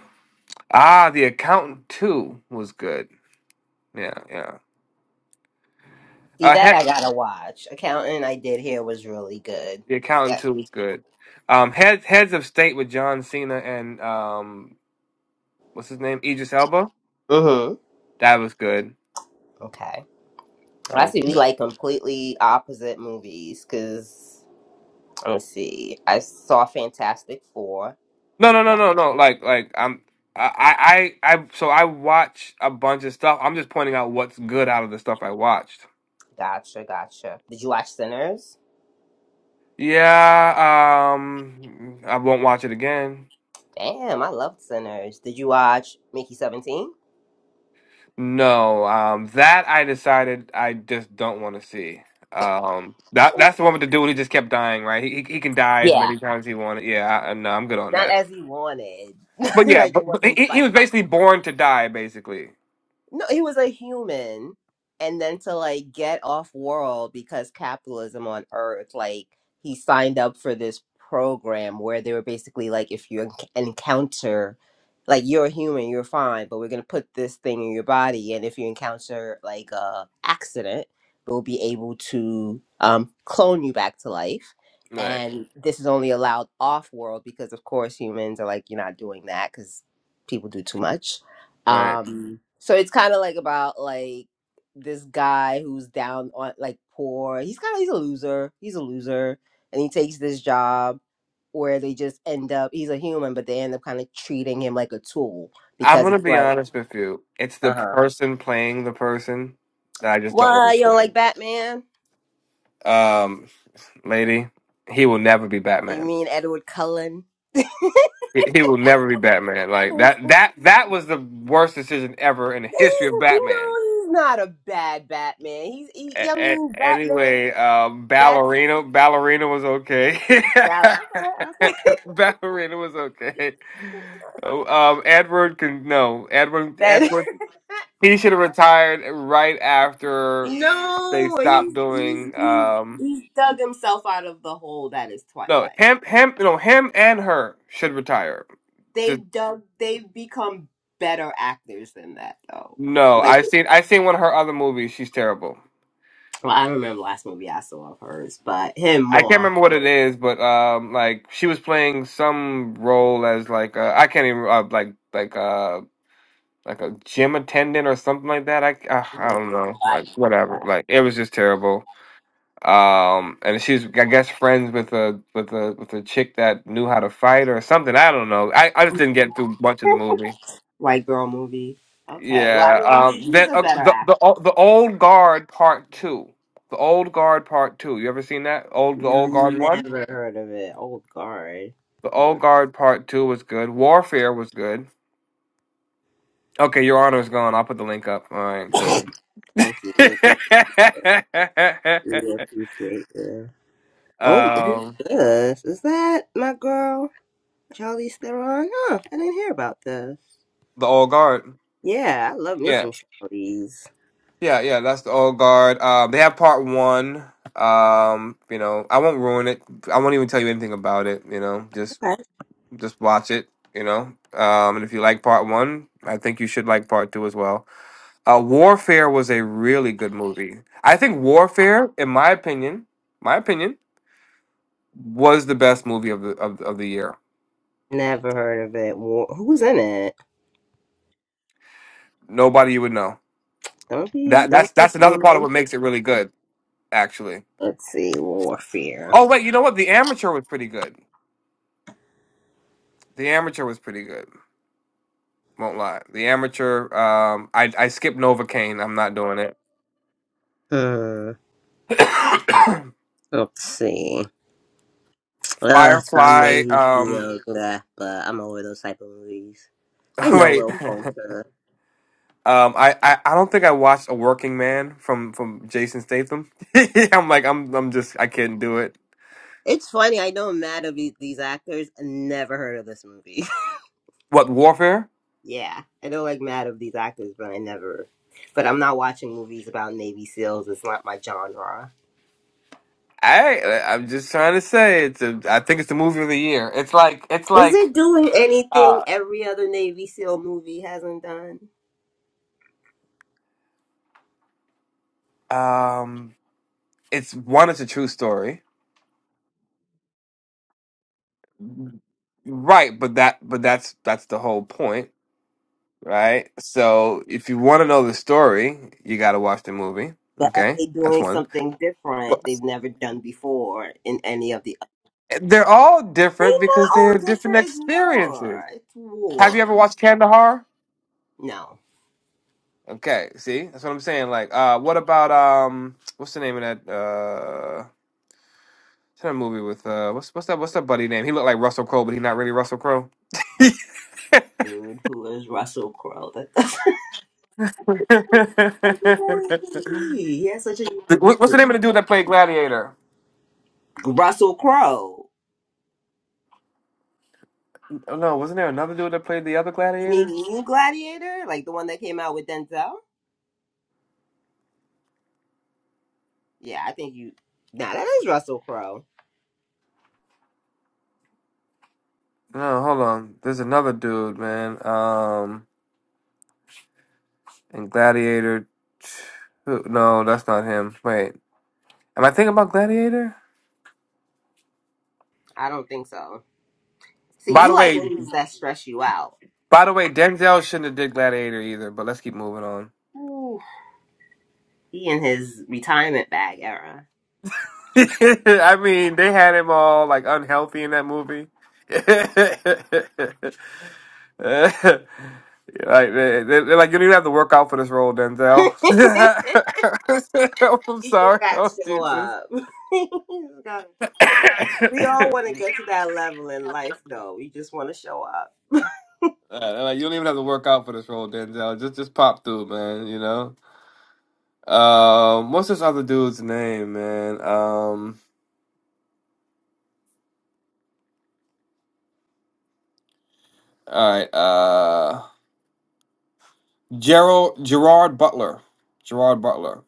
Speaker 1: ah, the accountant too was good. Yeah, yeah.
Speaker 4: See
Speaker 1: Uh,
Speaker 4: that
Speaker 1: head,
Speaker 4: I gotta watch. Accountant I did hear was really good.
Speaker 1: the accountant
Speaker 4: Yeah.
Speaker 1: too was good. Um, heads heads of state with John Cena and um, what's his name, Idris Elba.
Speaker 4: Mm-hmm.
Speaker 1: That was good.
Speaker 4: Okay.
Speaker 1: That
Speaker 4: Well, I
Speaker 1: was
Speaker 4: see we
Speaker 1: good.
Speaker 4: like completely opposite movies because Let's see. I saw Fantastic Four,
Speaker 1: No, no,
Speaker 4: and
Speaker 1: no,
Speaker 4: that
Speaker 1: no, no. Like, like I'm, I, I, I. I- So I watch a bunch of stuff. I'm just pointing out what's good out of the stuff I watched.
Speaker 4: gotcha, gotcha. Did you watch Sinners?
Speaker 1: Yeah. Um, I won't watch it again.
Speaker 4: Damn, I loved Sinners. Did you watch Mickey Seventeen?
Speaker 1: No, um, that I decided I just don't want to see. Um, that that's the one with the dude who just kept dying, right? He he he can die as
Speaker 4: Yeah,
Speaker 1: many times he wanted. Yeah, I- no, I'm good on
Speaker 4: not
Speaker 1: that.
Speaker 4: as he wanted.
Speaker 1: But yeah,
Speaker 4: like
Speaker 1: but,
Speaker 4: it
Speaker 1: but he
Speaker 4: wasn't by
Speaker 1: he was basically
Speaker 4: choice.
Speaker 1: born to die, basically.
Speaker 4: No, he was a human. And then to like get off world because capitalism on Earth, like he signed up for this program where they were basically like, if you enc- encounter, like you're a human, you're fine, but we're gonna put this thing in your body, and if you encounter like a accident, we'll be able to um, clone you back to life.
Speaker 1: Right,
Speaker 4: And this is only allowed off world because, of course, humans are like, you're not doing that because people do too much
Speaker 1: right.
Speaker 4: um so it's kind of like about like this guy who's down on like poor he's kind of he's a loser he's a loser and he takes this job where they just end up he's a human but they end up kind of treating him like a tool
Speaker 1: I'm
Speaker 4: because
Speaker 1: gonna
Speaker 4: it's
Speaker 1: be
Speaker 4: like
Speaker 1: honest with you. It's the
Speaker 4: uh-huh
Speaker 1: person playing the person that I just don't
Speaker 4: why
Speaker 1: want
Speaker 4: you
Speaker 1: to
Speaker 4: don't like
Speaker 1: see.
Speaker 4: batman
Speaker 1: Um, lady, he will never be
Speaker 4: Oh, you
Speaker 1: Batman.
Speaker 4: mean edward cullen
Speaker 1: He, he will never be Batman. Like
Speaker 4: he's,
Speaker 1: that that that was the worst decision ever in the history of
Speaker 4: you
Speaker 1: Batman.
Speaker 4: know he's not a bad batman he's he, i
Speaker 1: A-
Speaker 4: mean
Speaker 1: a-
Speaker 4: batman
Speaker 1: anyway, um,
Speaker 4: that's
Speaker 1: ballerina, ballerina was okay.
Speaker 4: that, okay, okay.
Speaker 1: ballerina was okay. Oh, Um, Edward can no, Edward, Edward,
Speaker 4: that
Speaker 1: he should have retired right after they
Speaker 4: No,
Speaker 1: stopped
Speaker 4: he's he's
Speaker 1: doing.
Speaker 4: he's
Speaker 1: Um,
Speaker 4: he's dug himself out of the hole that is
Speaker 1: no,
Speaker 4: Twilight.
Speaker 1: him, him, no, him and her should retire. Just
Speaker 4: They've dug they've become better actors than that though.
Speaker 1: no,
Speaker 4: Like
Speaker 1: I seen, I seen one of her other movies. She's terrible.
Speaker 4: well, I remember last movie I saw of hers, but him
Speaker 1: I can't
Speaker 4: more.
Speaker 1: remember what it
Speaker 4: than
Speaker 1: is, but um, like she was playing some role as like uh, I can't even uh, like like uh like a gym attendant or something like that. I uh,
Speaker 4: her.
Speaker 1: I
Speaker 4: I
Speaker 1: don't know, like
Speaker 4: didn't like
Speaker 1: whatever.
Speaker 4: that.
Speaker 1: Like it was just terrible. Um, and she's I guess friends with a with a with a chick that knew how to fight or something. I don't know. I, I just didn't get through much of the movie.
Speaker 4: White girl movie. Okay. Well, I
Speaker 1: Yeah.
Speaker 4: mean, he,
Speaker 1: Um.
Speaker 4: he's
Speaker 1: That
Speaker 4: a
Speaker 1: uh,
Speaker 4: better
Speaker 1: the the
Speaker 4: actor.
Speaker 1: o- the old guard part two. The old guard part two. You ever seen that old the old guard Mhm. one?
Speaker 4: Never heard of it. Old guard.
Speaker 1: The Old
Speaker 4: Hmm.
Speaker 1: Guard Part Two was good. Warfare was good. Okay, Your Honor is gone. I'll put the link up. All right, cool.
Speaker 4: Thank you. We appre- we appreciate you. Oh, who's
Speaker 1: um,
Speaker 4: this? Is that my girl? Charlize Theron? Huh, I didn't hear about this.
Speaker 1: the Old Guard.
Speaker 4: Yeah, I love me
Speaker 1: Yeah,
Speaker 4: some Charlize.
Speaker 1: yeah, yeah. That's the Old Guard. Um, they have Part One. Um, you know, I won't ruin it. I won't even tell you anything about it. You know, just
Speaker 4: Okay.
Speaker 1: just watch it. You know, um, and if you like Part One, I think you should like Part Two as well. Uh, Warfare was a really good movie. I think Warfare, in my opinion, my opinion. was the best movie of the of, of the year.
Speaker 4: Never heard of it. War- Who's in it?
Speaker 1: Nobody would know.
Speaker 4: Don't be,
Speaker 1: That that's
Speaker 4: don't be
Speaker 1: that's another part of
Speaker 4: silly.
Speaker 1: what makes it really good, actually.
Speaker 4: Let's see, Warfare.
Speaker 1: Oh wait, you know what? The Amateur was pretty good. The Amateur was pretty good. Won't lie. The Amateur. Um, I I skipped Novocaine. I'm not doing it.
Speaker 4: Hmm. Let's see. Uh, it's about
Speaker 1: Firefly.
Speaker 4: Navy
Speaker 1: Um,
Speaker 4: SEALs, blah, but I'm over those type of movies. I know
Speaker 1: wait.
Speaker 4: Will Poulter.
Speaker 1: Um, I, I, I don't think I watched A Working Man from, from Jason Statham. I'm like I'm I'm just I can't do it.
Speaker 4: It's funny. I know mad of these, these actors. Never heard of this movie.
Speaker 1: What Warfare?
Speaker 4: Yeah, I don't like mad of these actors, but I never. But I'm not watching movies about Navy SEALs. It's not my genre.
Speaker 1: I I'm just trying to say it's a I think it's the movie of the year. It's like it's
Speaker 4: Is
Speaker 1: like
Speaker 4: it doing anything
Speaker 1: uh
Speaker 4: every other Navy SEAL movie hasn't done?
Speaker 1: um it's one it's a true story. Right, but that but that's that's the whole point, right? So if you want to know the story, you got to watch the movie,
Speaker 4: But are
Speaker 1: okay?
Speaker 4: they
Speaker 1: That's
Speaker 4: doing
Speaker 1: one.
Speaker 4: something
Speaker 1: Well,
Speaker 4: different they've never done before in any of the?
Speaker 1: They're all
Speaker 4: They
Speaker 1: different because
Speaker 4: not
Speaker 1: they're
Speaker 4: all
Speaker 1: different
Speaker 4: different. It's
Speaker 1: experiences.
Speaker 4: war. It's
Speaker 1: Have you
Speaker 4: war.
Speaker 1: ever watched Kandahar?
Speaker 4: No,
Speaker 1: Okay, see? That's what I'm saying like uh what about um what's the name of that uh, It's in movie with uh, what's what's that? What's that buddy name? He looked like Russell Crowe, but he not really Russell Crowe.
Speaker 4: rude. Who is Russell Crowe? That doesn't. Who could that even be? He has such a
Speaker 1: The- what- what's the
Speaker 4: unique-
Speaker 1: name of the dude that played Gladiator?
Speaker 4: Russell Crowe.
Speaker 1: Oh No, wasn't there another dude that played the other
Speaker 4: You mean
Speaker 1: Gladiator?
Speaker 4: New Gladiator, like the one that came out with Denzel? Yeah, I think you. Nah, that is Russell Crowe.
Speaker 1: No, hold on. There's another dude, man. Um, in Gladiator, two- no, that's not him. Wait, am I thinking about Gladiator?
Speaker 4: I don't think so. See,
Speaker 1: By the
Speaker 4: you like
Speaker 1: way,
Speaker 4: movies that stress you out.
Speaker 1: by the way, Denzel shouldn't have did Gladiator either. But let's keep moving on.
Speaker 4: Ooh, he in his retirement bag era.
Speaker 1: I mean, they had him all like unhealthy in that movie. like they, they- they're like, you don't even have to work out for this role, Denzel.
Speaker 4: you
Speaker 1: Oh, I'm
Speaker 4: just
Speaker 1: sorry.
Speaker 4: gotta
Speaker 1: Oh
Speaker 4: show
Speaker 1: Jesus.
Speaker 4: up. You just gotta- we all want to get to that level in life, though. We just want to show up.
Speaker 1: Uh, they're like you don't even have to work out for this role, Denzel. Just just pop through, man. You know. Um, what's this other dude's name, man? Um, all right. Uh, Gerald Gerard Butler. Gerard Butler.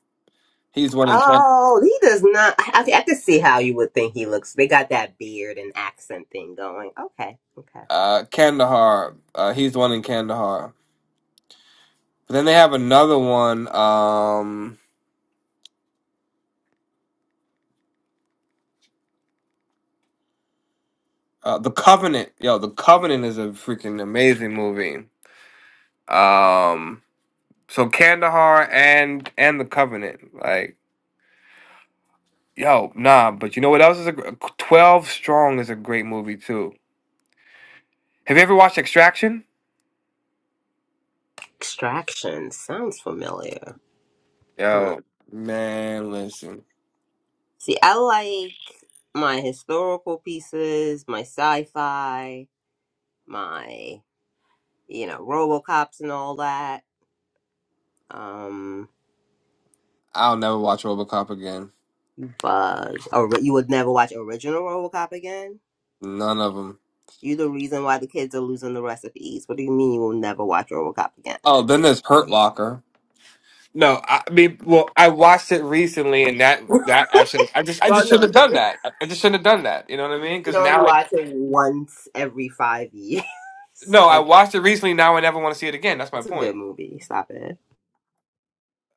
Speaker 1: He's one in. Ken.
Speaker 4: Oh, he does not. I, I can see how you would think he looks. They got that beard and accent thing going. Okay, okay.
Speaker 1: uh, Kandahar. Uh, he's the one in Kandahar. But then they have another one. Um, uh, the Covenant. Yo, The Covenant is a freaking amazing movie. Um, so Kandahar and and The Covenant. Like, yo, nah. But you know what else is a gr- Twelve Strong is a great movie too. Have you ever watched Extraction?
Speaker 4: Extraction sounds familiar. Hmm.
Speaker 1: Yo, man, listen.
Speaker 4: See, I like my historical pieces, my sci-fi, my you know RoboCops and all that. Um,
Speaker 1: I'll never watch RoboCop again.
Speaker 4: but or you would never watch original RoboCop again.
Speaker 1: None of them.
Speaker 4: You the reason why the kids are losing the recipes. What do you mean you will never watch RoboCop again?
Speaker 1: Oh, then there's Hurt Locker. No, I mean, well, I watched it recently, and that that actually, I just, I
Speaker 4: Well,
Speaker 1: just shouldn't
Speaker 4: no, you
Speaker 1: have done
Speaker 4: should,
Speaker 1: that. I just shouldn't have done that. You know what I
Speaker 4: you
Speaker 1: mean?
Speaker 4: should
Speaker 1: Because
Speaker 4: only
Speaker 1: now, I
Speaker 4: watch it once every five years.
Speaker 1: no, I
Speaker 4: And
Speaker 1: watched it recently. Now I never want to see it again. That's my
Speaker 4: It's a good
Speaker 1: point.
Speaker 4: movie. Stop it.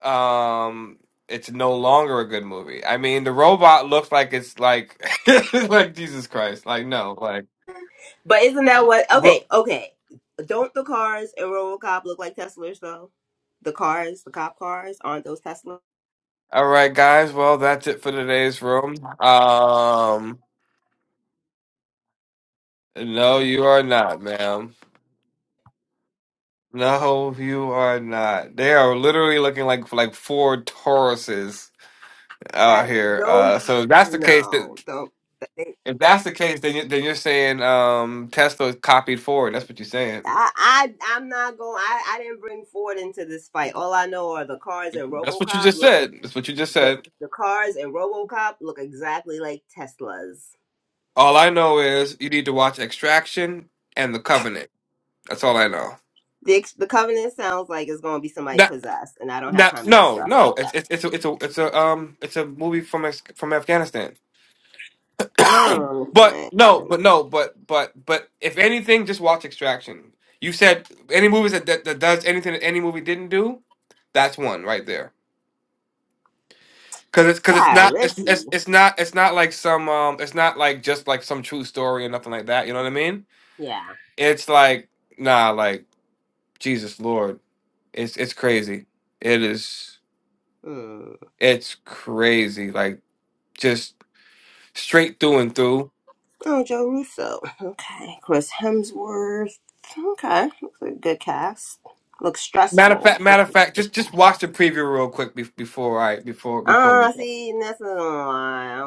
Speaker 1: Um, it's no longer a good movie. I mean, the robot looks like it's like, like Jesus Christ. Like no, like.
Speaker 4: But isn't that what?
Speaker 1: Ro-
Speaker 4: Okay, okay. Don't the cars in RoboCop look like Teslas though? The cars, the cop cars, aren't those Teslas?
Speaker 1: All right, guys. Well, that's it for today's room. Um, no, you are not, ma'am. No, you are not. They are literally looking like like four Tauruses out
Speaker 4: That
Speaker 1: here.
Speaker 4: those
Speaker 1: Uh, so if that's the case,
Speaker 4: no,
Speaker 1: that
Speaker 4: don't. They,
Speaker 1: if that's the case, then you, then you're saying um, Tesla copied Ford. That's what you're saying.
Speaker 4: I I I'm not going. I I didn't bring Ford into this fight. All I know are the cars in
Speaker 1: That's what you
Speaker 4: RoboCop
Speaker 1: just
Speaker 4: look
Speaker 1: said. That's what you just
Speaker 4: the
Speaker 1: said.
Speaker 4: the cars in RoboCop look exactly like Teslas.
Speaker 1: All I know is you need to watch Extraction and The Covenant. That's all I know.
Speaker 4: The ex- the Covenant sounds like it's gonna be somebody
Speaker 1: That
Speaker 4: possessed, and I don't have
Speaker 1: that
Speaker 4: time to do
Speaker 1: no
Speaker 4: stuff like
Speaker 1: no. It's
Speaker 4: that.
Speaker 1: it's it's a it's a it's a um it's a movie from Af- from Afghanistan.
Speaker 4: Oh,
Speaker 1: But
Speaker 4: man,
Speaker 1: no, but
Speaker 4: Covenant.
Speaker 1: no, but but but if anything, just watch Extraction. You said any movies that that, that does anything that any movie didn't do, that's one right there. Cause it's cause it's
Speaker 4: Wow,
Speaker 1: not it's,
Speaker 4: Richie.
Speaker 1: it's it's not it's not like some um it's not like just like some true story or nothing like that. You know what I mean?
Speaker 4: Yeah.
Speaker 1: It's like nah, like Jesus Lord, it's it's crazy. It is
Speaker 4: Hmm.
Speaker 1: it's crazy. Like just straight through and through.
Speaker 4: Oh, Joe Russo. Okay. Chris Hemsworth. Okay. Looks like a good cast. Looks
Speaker 1: Matter of
Speaker 4: stressful.
Speaker 1: fact, matter of fact, just just watch the preview real quick bef- before I before before we
Speaker 4: Ah,
Speaker 1: go.
Speaker 4: see, and that's another I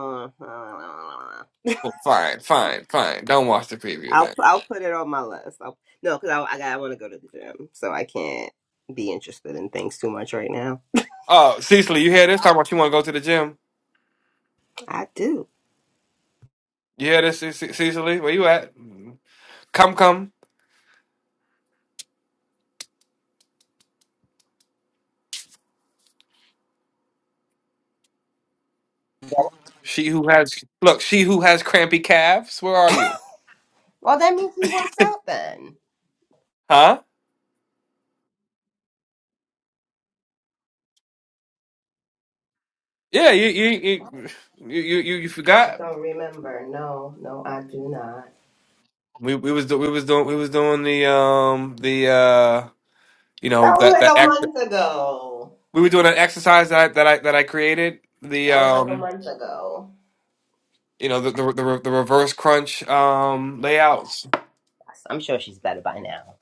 Speaker 1: Well, fine, fine, fine. Don't watch the preview
Speaker 4: will
Speaker 1: then.
Speaker 4: I'll put it on my list. I'll, no, because I I, got- I want to go to the gym, so I can't be interested in things too much right now.
Speaker 1: Oh, Cecily, you hear this? Talking about you want to go to the gym.
Speaker 4: I do.
Speaker 1: You hear this, Ce- Ce- Cecily? Where you at? Come, come. She who has look, she who has crampy calves. Where are you?
Speaker 4: Well, that means he worked out then.
Speaker 1: Huh? Yeah, you you you you you, you you
Speaker 4: I
Speaker 1: forgot.
Speaker 4: don't remember. No, no, I do not.
Speaker 1: We we was do- we was doing we was doing the um the uh you
Speaker 4: That
Speaker 1: know
Speaker 4: was
Speaker 1: that that
Speaker 4: like a
Speaker 1: act
Speaker 4: month ago.
Speaker 1: we were doing an exercise that I, that I that I created the
Speaker 4: That was like a
Speaker 1: um.
Speaker 4: month ago.
Speaker 1: You know the the the, the reverse crunch um, layouts.
Speaker 4: I'm sure she's better by now.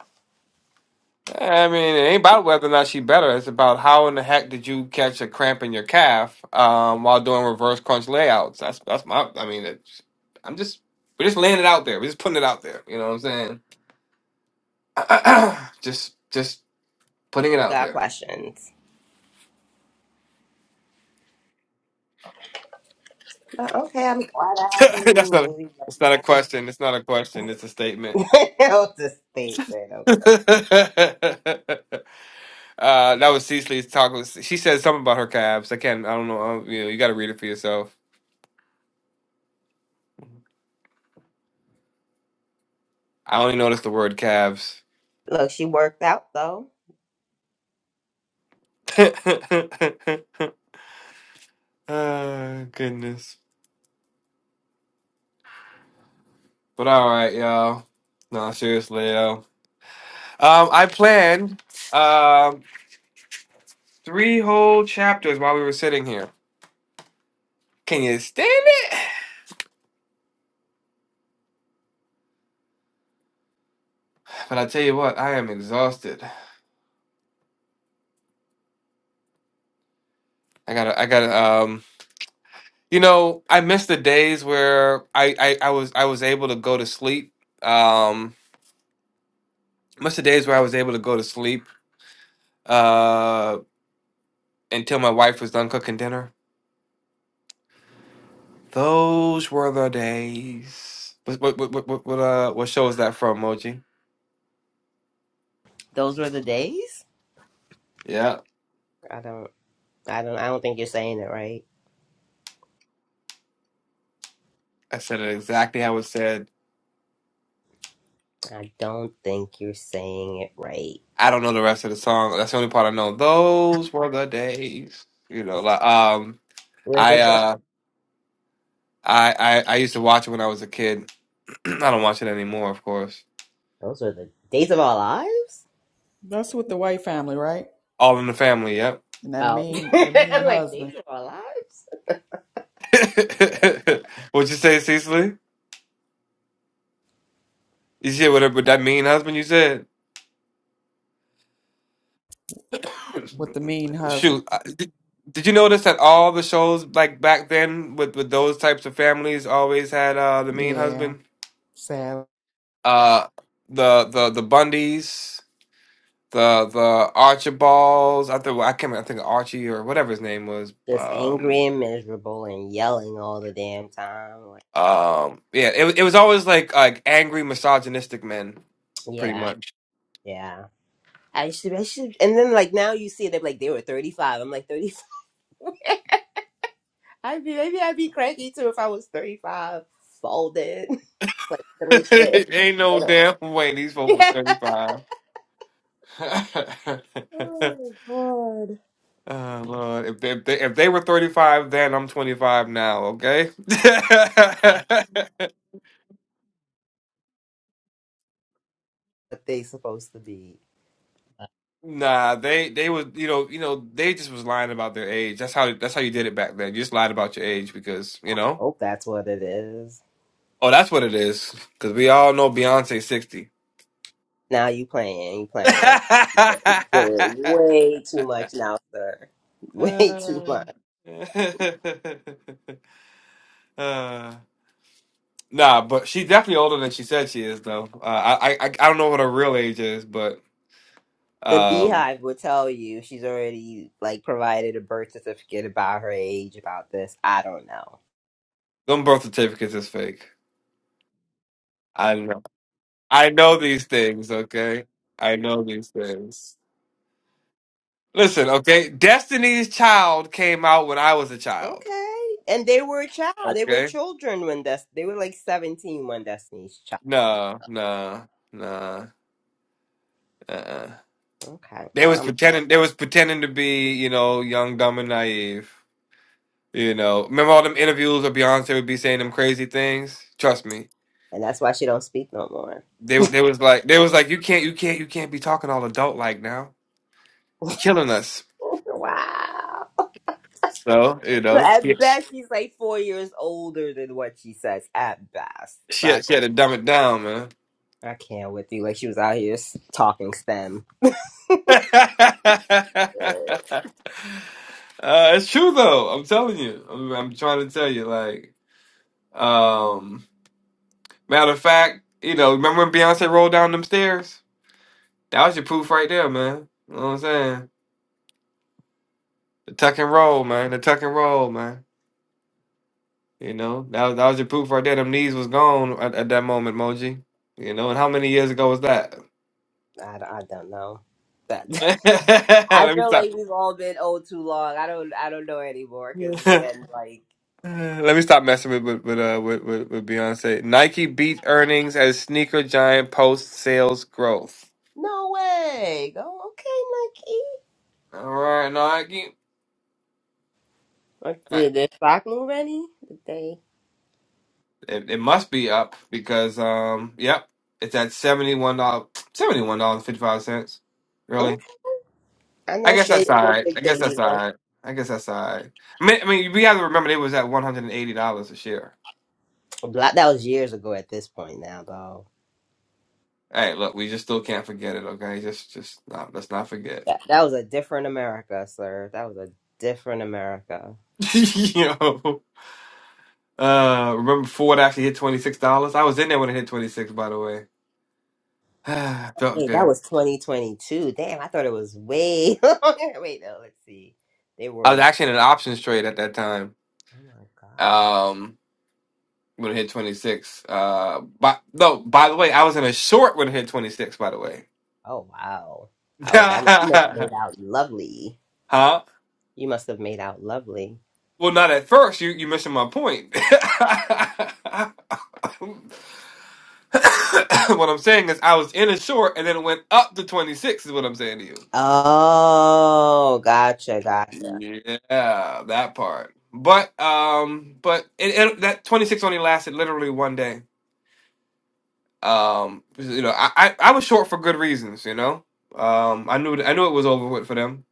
Speaker 1: I mean, it ain't about whether or not she better. It's about how in the heck did you catch a cramp in your calf um, while doing reverse crunch layouts. That's that's my. I mean, it's, I'm just we're just laying it out there. We're just putting it out there. You know what I'm saying? just just putting it
Speaker 4: You
Speaker 1: out
Speaker 4: got
Speaker 1: there.
Speaker 4: questions? But okay, I'm glad I have a new
Speaker 1: that's not a,
Speaker 4: movie.
Speaker 1: it's not a question. It's not a question. It's a statement.
Speaker 4: That was a statement. Okay.
Speaker 1: Uh, that was Cecily's talk. Was- She said something about her calves. I can't. I don't know. I don't- you know, you got to read it for yourself. I only noticed the word calves.
Speaker 4: Look, she worked out though.
Speaker 1: oh, goodness. But all right, y'all. No, seriously, yo. Um, I planned um three whole chapters while we were sitting here. Can you stand it? But I tell you what, I am exhausted. I gotta. I gotta. Um, you know, I miss the days where I I, I was I was able to go to sleep. Um. Most of the days where I was able to go to sleep uh, until my wife was done cooking dinner. Those were the days. What what what what what, what, uh, what show is that from, Moji?
Speaker 4: Those were the days?
Speaker 1: Yeah,
Speaker 4: I don't I don't I don't think you're saying it right.
Speaker 1: I said it exactly how it said.
Speaker 4: I don't think you're saying it right.
Speaker 1: I don't know the rest of the song. That's the only part I know. Those were the days. You know, like um,
Speaker 4: Where's
Speaker 1: I
Speaker 4: it from?
Speaker 1: uh, I I, I used to watch it when I was a kid. I don't watch it anymore, of course.
Speaker 4: Those are the days of our lives?
Speaker 2: That's with the white family, right?
Speaker 1: All in the Family. Yep.
Speaker 2: And that
Speaker 4: Oh
Speaker 2: mean the mean
Speaker 4: I'm like
Speaker 2: husband.
Speaker 4: days of our lives?
Speaker 1: What'd you say, Cecily? You said what? What that mean husband? You said.
Speaker 2: with the mean husband.
Speaker 1: Shoot, I- did, did you notice that all the shows like back then with with those types of families always had uh the mean
Speaker 2: Yeah,
Speaker 1: husband?
Speaker 2: sad.
Speaker 1: Uh the the the Bundys, the the Archibalds, I think I can't remember, I think Archie or whatever his name was.
Speaker 4: Just
Speaker 1: Um
Speaker 4: angry and miserable and yelling all the damn time. Like
Speaker 1: um yeah, it wa- it was always like like angry misogynistic men pretty
Speaker 4: yeah.
Speaker 1: much.
Speaker 4: Yeah. I should, I should, and then like now you see it, they're like they were thirty five. I'm like thirty five. I'd be maybe I'd be cranky too if I was thirty five, folded, like three kids.
Speaker 1: Ain't no
Speaker 4: You know.
Speaker 1: damn way these folks were
Speaker 4: Yeah.
Speaker 1: 35.
Speaker 4: Oh God.
Speaker 1: Oh Lord, if they, if they if they were 35 then, I'm 25 now, okay?
Speaker 4: What they supposed to be?
Speaker 1: Nah, they they was you know, you know, they just was lying about their age. That's how that's how you did it back then. You just lied about your age because, you know.
Speaker 4: Oh, that's what it is.
Speaker 1: Oh, that's what it is. Because we all know Beyonce 60.
Speaker 4: Now you playing, you playing. doing way too much now, sir. Way too much.
Speaker 1: Uh, nah, but she's definitely older than she said she is, though. Uh, I, I I I don't know what her real age is, but
Speaker 4: The
Speaker 1: um.
Speaker 4: beehive will tell you she's already like provided a birth certificate about her age, about this. I don't know.
Speaker 1: Them birth certificates is fake. I know. I know these things, okay? I know these things. Listen, okay? Destiny's Child came out when I was a child,
Speaker 4: Okay. And they were a child. They were
Speaker 1: okay?
Speaker 4: children when Des- they were like 17 when Destiny's Child.
Speaker 1: No, no, no, uh-uh.
Speaker 4: Okay.
Speaker 1: They
Speaker 4: Well,
Speaker 1: was
Speaker 4: I'm-
Speaker 1: pretending they was pretending to be, you know, young, dumb, and naive. You know, remember all them interviews where Beyonce would be saying them crazy things? Trust me.
Speaker 4: and that's why she don't speak no more.
Speaker 1: They they was like they was like, you can't you can't you can't be talking all adult like now. You're killing us.
Speaker 4: Wow.
Speaker 1: So, you
Speaker 4: Look,
Speaker 1: know.
Speaker 4: at best she's like four years older than what she says. At best.
Speaker 1: She had,
Speaker 4: Not
Speaker 1: she had
Speaker 4: going.
Speaker 1: to dumb it down, man.
Speaker 4: I can't with you. Like she was out here s- talking STEM.
Speaker 1: uh, it's true though. I'm telling you. I'm, I'm trying to tell you. Like, um, matter of fact, you know, remember when Beyonce rolled down them stairs? That was your proof right there, man. You know what I'm saying? The tuck and roll, man. The tuck and roll, man. You know, that was, that was your proof right there. Them knees was gone at, at that moment, Moji. You know, and how many years ago was that?
Speaker 4: I, I don't know. That I
Speaker 1: Let me
Speaker 4: feel
Speaker 1: stop.
Speaker 4: like we've all been old too long. I don't I don't know anymore because again, like
Speaker 1: Uh, Let me stop messing with with with, uh, with with with Beyonce. Nike beat earnings as sneaker giant posts sales growth.
Speaker 4: no way. Go okay, Nike.
Speaker 1: All right, Nike.
Speaker 4: Uh,
Speaker 1: Uh,
Speaker 4: Did the stock move any? Did they?
Speaker 1: It, it must be up because um, yep, it's at seventy one dollars seventy one dollars fifty five cents.
Speaker 4: Mm,
Speaker 1: Really?
Speaker 4: I
Speaker 1: I
Speaker 4: know
Speaker 1: guess
Speaker 4: Shay
Speaker 1: that's
Speaker 4: is
Speaker 1: all
Speaker 4: a
Speaker 1: right. I
Speaker 4: big
Speaker 1: guess that's all
Speaker 4: believer.
Speaker 1: right. I guess that's all right. I mean, I mean, we have to remember it was at one hundred and eighty dollars a share.
Speaker 4: Black, that was years ago at this point now, though.
Speaker 1: Hey, look, we just still can't forget it. Okay, just just no, let's not forget.
Speaker 4: That, that was a different America, sir. That was a different America.
Speaker 1: you know. Uh, remember Ford actually hit twenty six dollars. I was in there when it hit twenty six. By the way, felt
Speaker 4: Wait, that
Speaker 1: good.
Speaker 4: was 2022. Damn, I thought it was way longer. Wait, no, let's see. They
Speaker 1: I
Speaker 4: were,
Speaker 1: was
Speaker 4: oh
Speaker 1: actually in an options trade at that time.
Speaker 4: my God.
Speaker 1: Um, when it hit twenty six. Uh, but no. By the way, I was in a short when it hit twenty six. By the way,
Speaker 4: Oh, wow. Oh, that must, you must have made out lovely.
Speaker 1: huh? Well,
Speaker 4: You must have made out lovely.
Speaker 1: not at first. You you missing my point. what I'm saying is, I was in a short, and then it went up to twenty six. Is what I'm saying to you.
Speaker 4: Oh, gotcha, gotcha.
Speaker 1: Yeah, that part. But um, but it, it, that 26 only lasted literally one day. Um, you know, I, I I was short for good reasons. You know, um, I knew I knew it was over with for them.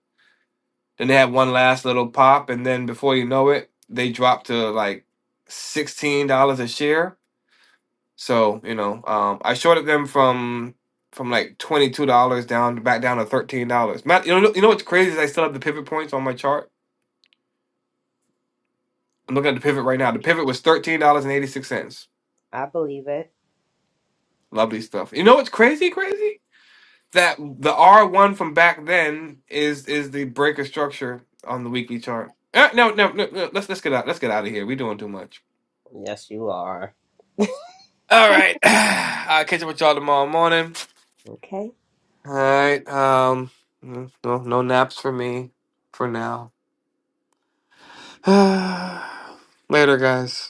Speaker 1: Then they had one last little pop, and then before you know it, they dropped to like sixteen dollars a share. So you know, um, I shorted them from from like twenty two dollars down back down to thirteen dollars. Matt, you know, you know what's crazy is I still have the pivot points on my chart. I'm looking at the pivot right now. The pivot was thirteen dollars and eighty six cents.
Speaker 4: I believe it.
Speaker 1: Lovely stuff. You know what's crazy, crazy? That the R one from back then is is the breaker structure on the weekly chart. Uh, no, no, no, no. Let's let's get out. Let's get out of here. We're doing too much.
Speaker 4: Yes, you are.
Speaker 1: All right. I'll catch up with y'all tomorrow morning.
Speaker 4: Okay.
Speaker 1: All right. Um. No, no no naps for me for now. Later, guys.